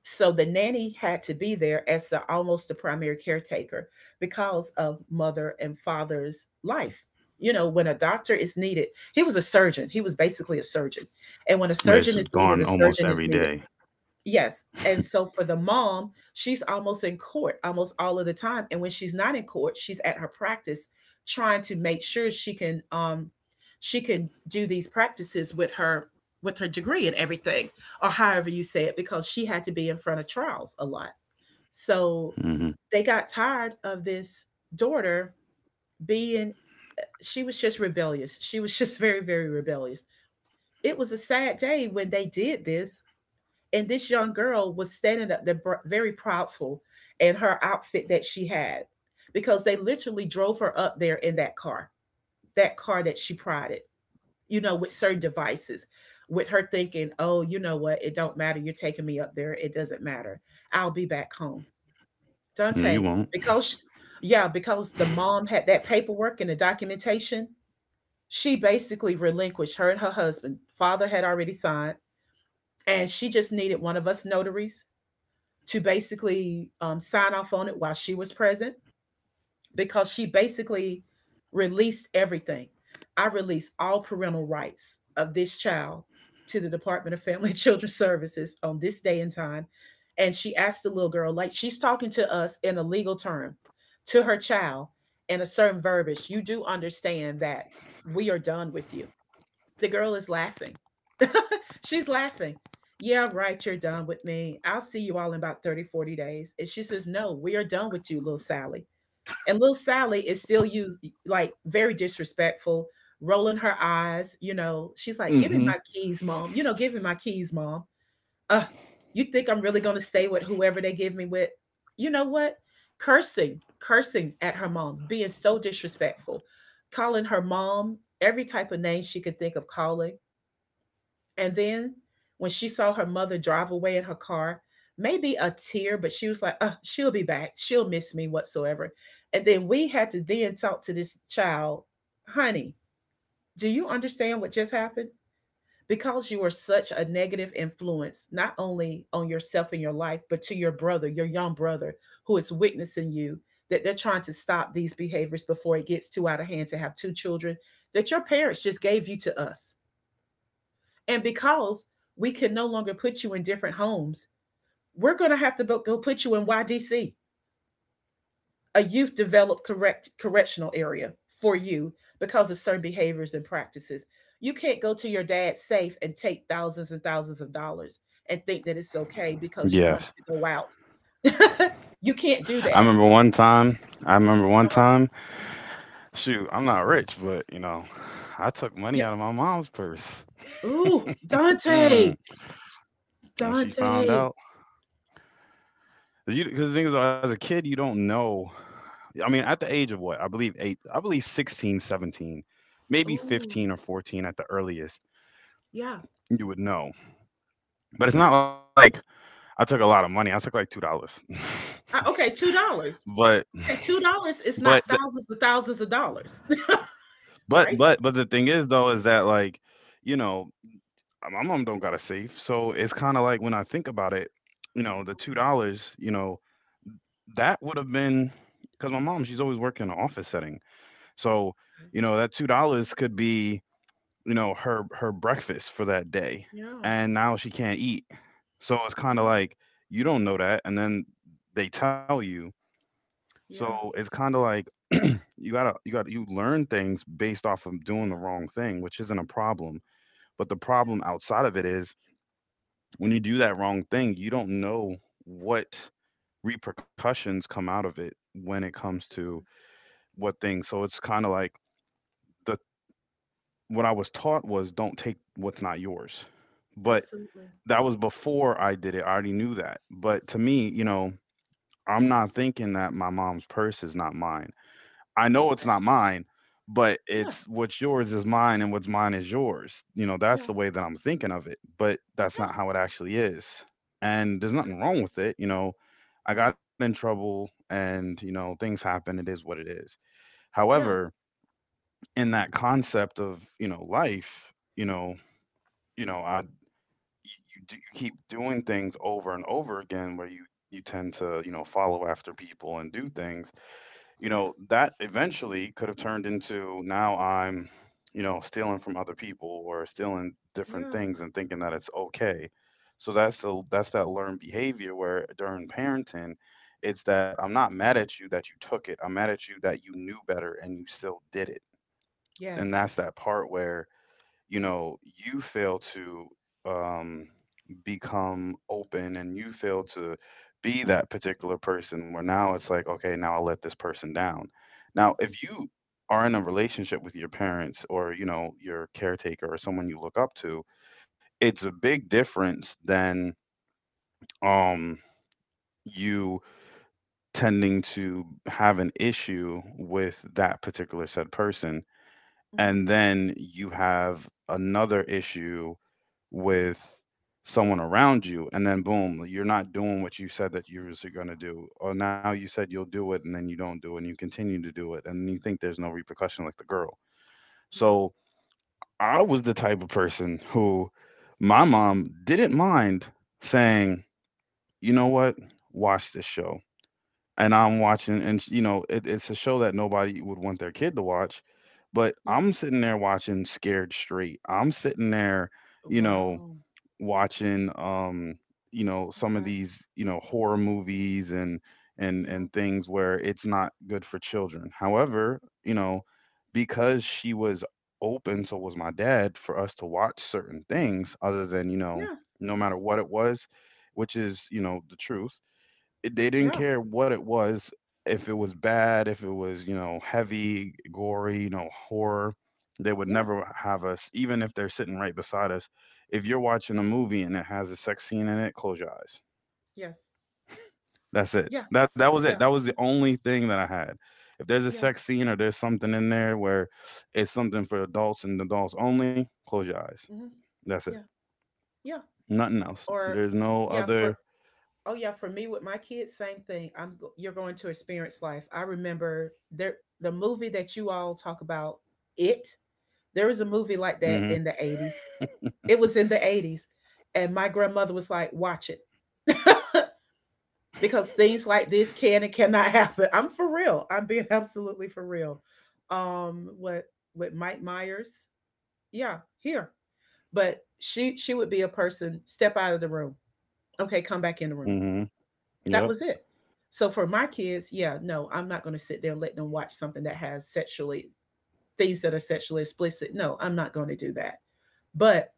B: So the nanny had to be there as the almost the primary caretaker because of mother and father's life. You know, when a doctor is needed, he was a surgeon. He was basically a surgeon. And when a surgeon
A: It's
B: is needed, a
A: gone almost
B: surgeon is
A: every
B: needed.
A: day.
B: Yes, and so for the mom, she's almost in court almost all of the time, and when she's not in court, she's at her practice trying to make sure she can do these practices with her degree and everything, or however you say it, because she had to be in front of trials a lot. So,
A: Mm-hmm.
B: they got tired of this daughter being, she was just rebellious. She was just very, very rebellious. It was a sad day when they did this, and this young girl was standing up there very proudful in her outfit that she had because they literally drove her up there in that car, that car that she prided, you know, with certain devices, with her thinking, oh, you know what, it don't matter, you're taking me up there, it doesn't matter, I'll be back home,
A: No, you
B: Dante,
A: won't.
B: because sh yeah, because the mom had that paperwork and the documentation. She basically relinquished her, and her husband father had already signed, and she just needed one of us notaries to basically sign off on it while she was present because she basically released everything. I released all parental rights of this child to the Department of Family and Children's Services on this day and time. And she asked the little girl, like she's talking to us in a legal term, to her child in a certain verbiage. You do understand that we are done with you. The girl is laughing. She's laughing. Yeah, right. You're done with me. I'll see you all in about 30, 40 days. And she says, "No, we are done with you, little Sally." And little Sally is still used, like, very disrespectful, rolling her eyes. You know, she's like, "Give me
A: Mm-hmm.
B: my keys, mom. Give me my keys, mom. Uh, you think I'm really going to stay with whoever they give me with? You know what?" Cursing, cursing at her mom, being so disrespectful, calling her mom every type of name she could think of calling. And then when she saw her mother drive away in her car, maybe a tear, but she was like, "Oh, she'll be back. She'll miss me whatsoever." And then we had to then talk to this child, "Honey, do you understand what just happened? Because you are such a negative influence, not only on yourself and your life, but to your brother, your young brother, who is witnessing you, that they're trying to stop these behaviors before it gets too out of hand to have two children that your parents just gave you to us. And because we can no longer put you in different homes, we're going to have to go put you in YDC, a youth developed correctional area for you because of certain behaviors and practices. You can't go to your dad's safe and take thousands and thousands of dollars and think that it's okay because you wanted
A: Yes.
B: to go out." You can't do
A: I
B: that.
A: remember one time. I remember one
B: Uh-huh.
A: time. Shoot, I'm not rich, but you know, I took money
B: Yeah.
A: out of my mom's purse.
B: Ooh, Dante.
A: Mm. When she found
B: Dante.
A: out, because the thing is, as a kid, you don't know. I mean, at the age of what? I believe eight, I believe 16, 17, maybe
B: Ooh.
A: 15 or 14 at the earliest,
B: Yeah.
A: you would know. But it's
B: Yeah.
A: not like I took a lot of money. I took like $2.
B: Okay, $2.
A: but,
B: Okay, $2
A: but,
B: is
A: th-
B: not thousands of thousands of dollars, right?
A: but the thing is, though, is that, like, you know, my mom don't got a safe. So it's kind of like when I think about it, you know, the
B: Okay.
A: $2, you know, that would have been, because my mom, she's always working in an office setting. So, you know, that $2 could be, you know, her breakfast for that day,
B: Yeah,
A: and now she can't eat. So it's
B: you're
A: kind of
B: right.
A: like, you don't know that, and then they tell you. So
B: Yeah,
A: it's kind of like, you learn things based off of doing the
B: yeah,
A: wrong thing, which isn't a problem. But the problem outside of it is when you do that wrong thing, you don't know what repercussions come out of it when it comes to
B: absolutely,
A: what things. So it's kind of like, the what I was taught was, don't take what's not yours. But
B: absolutely.
A: that was before I did it. I already knew that. But to me, you know, I'm not thinking that my mom's purse is not mine. I know it's
B: Okay.
A: not mine, but
B: Yes.
A: it's what's yours is mine and what's mine is yours. You know, that's
B: Yeah.
A: the way that I'm thinking of it, but that's
B: Yeah.
A: not how it actually is. And there's
B: I
A: nothing
B: agree.
A: wrong with it, you know. I
B: Yeah.
A: got in trouble, and, you know, things happen. It is what it is.
B: Yeah.
A: However, in that concept of, you know, life, you know, I you, you, do, you keep doing things over and over again where you tend to, you know, follow after people and do things, you know,
B: Yes.
A: that eventually could have turned into, now I'm, you know, stealing from other people or stealing different
B: Yeah.
A: things and thinking that it's okay. So that's that learned behavior where during parenting, it's that I'm not mad at you that you took it, I'm mad at you that you knew better and you still did it. And
B: Yes.
A: that's that part where, you know, you fail to um, become open, and you fail to be that particular person where now it's like, okay, now I let this person down. Now if you are in a relationship with your parents or, you know, your caretaker or someone you look up to, it's a big difference than, um you tending to have an issue with that particular said person,
B: Hmm.
A: and then you have another issue with someone around you, and then boom, you're not doing what you said that you was going to do, or now you said you'll do it and then you don't do it, and you continue to do it, and you think there's no repercussion, like the girl.
B: Yeah.
A: So I was the type of person who, my mom didn't mind saying, you know what, watch this show. And I'm watching, and it's a show that nobody would want their kid to watch, but
B: Yeah.
A: I'm sitting there watching Scared Straight, I'm sitting there, you know,
B: Wow.
A: watching, you know, some of
B: Okay.
A: these, you know, horror movies and and
B: Yeah.
A: and things where it's not good for children. However, you know, because she was open, so was my dad, for us to watch certain things, other than, you know,
B: Yeah.
A: no matter what it was, which is, you know, the truth. They didn't
B: Yeah.
A: care what it was. If it was bad, if it was, you know, heavy, gory, you know, horror, they would
B: Yeah.
A: never have us, even if they're sitting right beside us, if you're watching a movie and it has a sex scene in it, close your eyes.
B: Yes.
A: That's it.
B: Yeah.
A: That was it.
B: Yeah.
A: That was the only thing that I had. If there's a
B: Yeah.
A: sex scene or there's something in there where it's something for adults and adults only, close your eyes.
B: Mhm.
A: That's it.
B: Yeah. Yeah.
A: Nothing else.
B: Or
A: There's no
B: yeah,
A: other.
B: for, oh yeah, for me with my kids, same thing. You're going to experience life. I remember there the movie that you all talk about, it. There was a movie like that
A: Mhm.
B: in the 80s. It was in the 80s, and my grandmother was like, "Watch it." Because things like this can and cannot happen. I'm for real. I'm being absolutely for real. What with Mike Myers. Yeah, here. But she would be a person, step out of the room, okay, come back in the room.
A: Mhm.
B: That
A: Yep.
B: was it. So for my kids, yeah, no, I'm not going to sit there and let them watch something that has sexually, things that are sexually explicit. No, I'm not going to do that. But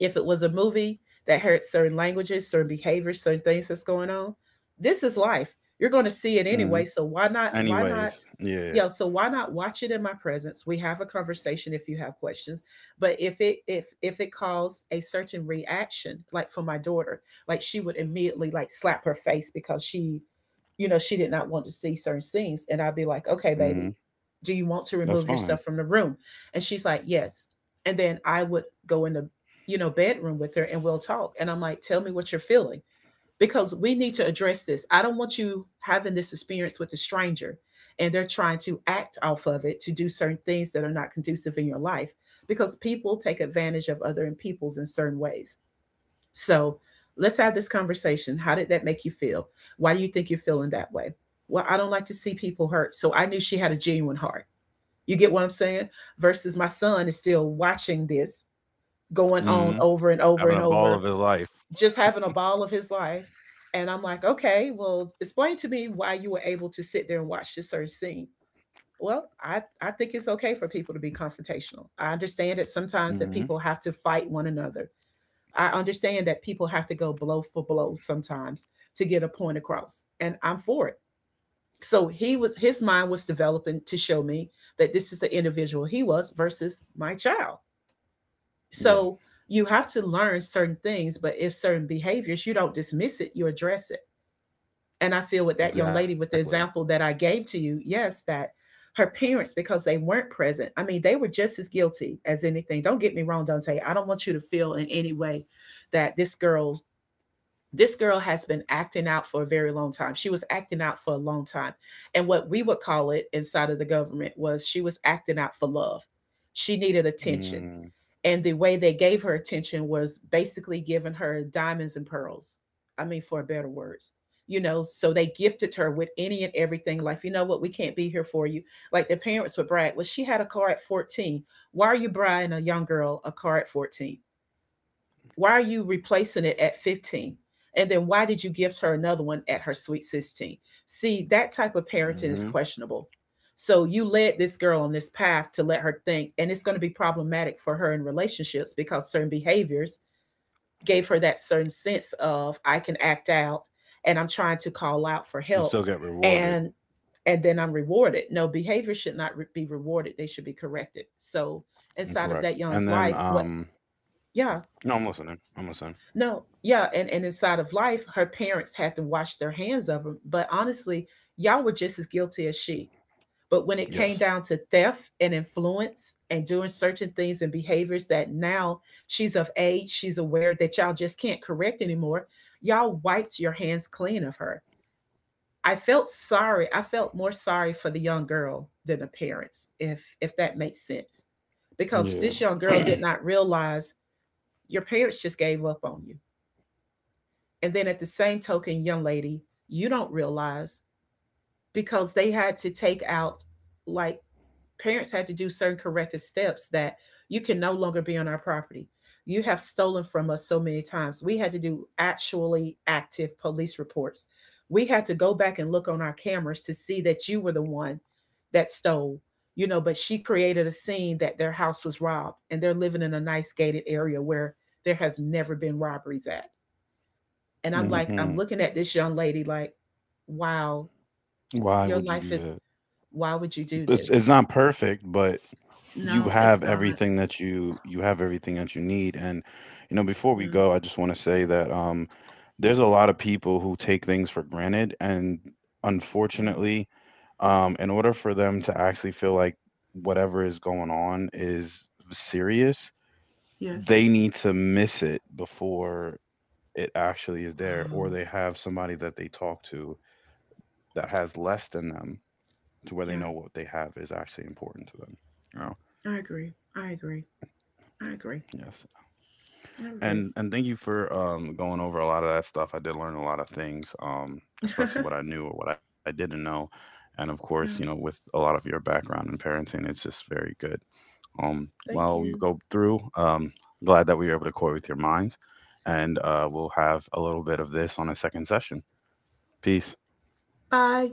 B: if it was a movie that had certain languages, certain behaviors, certain things that's going on, this is life. You're going to see it anyway.
A: Mhm.
B: So why not? Why not?
A: Anyways, yeah.
B: Yeah. So why not watch it in my presence? We have a conversation if you have questions. But if it caused a certain reaction, like for my daughter, like she would immediately like slap her face because she, you know, she did not want to see certain scenes, and I'd be like, "Okay,
A: Mhm.
B: baby, do you want to
A: That's
B: remove
A: fine.
B: yourself from the room?" And she's like, "Yes." And then I would go in the, you know, bedroom with her and we'll talk. And I'm like, "Tell me what you're feeling, because we need to address this. I don't want you having this experience with a stranger and they're trying to act off of it to do certain things that are not conducive in your life because people take advantage of other people's in certain ways. So let's have this conversation. How did that make you feel? Why do you think you're feeling that way?" "Well, I don't like to see people hurt." So I knew she had a genuine heart. You get what I'm saying? Versus my son is still watching this going
A: Hmm.
B: on over and over
A: Having
B: and
A: a ball of
B: over,
A: his life.
B: just having a ball of his life. And I'm like, "Okay, well, explain to me why you were able to sit there and watch this certain scene." "Well, I think it's okay for people to be confrontational. I understand that sometimes that
A: Hmm.
B: people have to fight one another. I understand that people have to go blow for blow sometimes to get a point across. And I'm for it." So he was, his mind was developing to show me that this is the individual he was versus my child.
A: Yeah.
B: So you have to learn certain things, but if certain behaviors, you don't dismiss it, you address it. And I feel with that young lady,
A: Exactly.
B: with the example that I gave to you, yes, that her parents, because they weren't present, I mean, they were just as guilty as anything. Don't get me wrong, Dante. I don't want you to feel in any way that this girl has been acting out for a very long time. She was acting out for a long time. And what we would call it inside of the government was she was acting out for love. She needed attention,
A: Mm-hmm.
B: and the way they gave her attention was basically giving her diamonds and pearls. I mean, for better words, you know. So they gifted her with any and everything. Like, "You know what? We can't be here for you." Like the parents would brag, "Well, she had a car at 14." Why are you buying a young girl a car at 14? Why are you replacing it at 15? And then why did you gift her another one at her sweet 16? See, that type of parenting is questionable. So you led this girl on this path to let her think, and it's going to be problematic for her in relationships because certain behaviors gave her that certain sense of "I can act out and I'm trying to call out for
A: And still
B: help
A: get rewarded.
B: and and then I'm rewarded." No, behavior should not be rewarded. They should be corrected. So inside of
A: Correct.
B: that
A: And
B: young's
A: then,
B: life, what. Yeah,
A: no, I'm listening. I'm listening.
B: no, yeah, and inside of life, her parents had to wash their hands of her. But honestly, y'all were just as guilty as she. But when it
A: Yes.
B: came down to theft and influence and doing certain things and behaviors that now she's of age, she's aware that y'all just can't correct anymore, y'all wiped your hands clean of her. I felt sorry. I felt more sorry for the young girl than the parents, if that makes sense. Because
A: Yeah.
B: this young girl did not realize your parents just gave up on you. And then at the same token, young lady, you don't realize, because they had to take out, like, parents had to do certain corrective steps that you can no longer be on our property. You have stolen from us so many times. We had to do actually active police reports. We had to go back and look on our cameras to see that you were the one that stole, you know, but she created a scene that their house was robbed and they're living in a nice gated area where there have never been robberies at. And I'm like, I'm
A: Hmm.
B: looking at this young lady like, wow,
A: Why
B: your
A: would you
B: life
A: do
B: is,
A: that?
B: why would you do this?
A: It's not perfect, but you
B: No, it's
A: have
B: not.
A: everything that you have everything that you need. And, you know, before we
B: Yeah,
A: go, I just want to say that, there's a lot of people who take things for granted, and
B: yeah,
A: unfortunately, in order for them to actually feel like whatever is going on is serious,
B: yes.
A: they need to miss it before it actually is there, or
B: Wow.
A: they have somebody that they talk to that has less than them, to where they know
B: Yeah,
A: what they have is actually important to them, you know?
B: I agree. I agree. I agree.
A: Yes.
B: I agree.
A: And thank you for, going over a lot of that stuff. I did learn a lot of things, especially what I knew or what I didn't know. And of course, you know,
B: Yeah,
A: with a lot of your background in parenting, it's just very good.
B: thank
A: While we
B: you.
A: go through, glad that we were able to core with your minds, and we'll have a little bit of this on a second session. Peace.
B: Bye.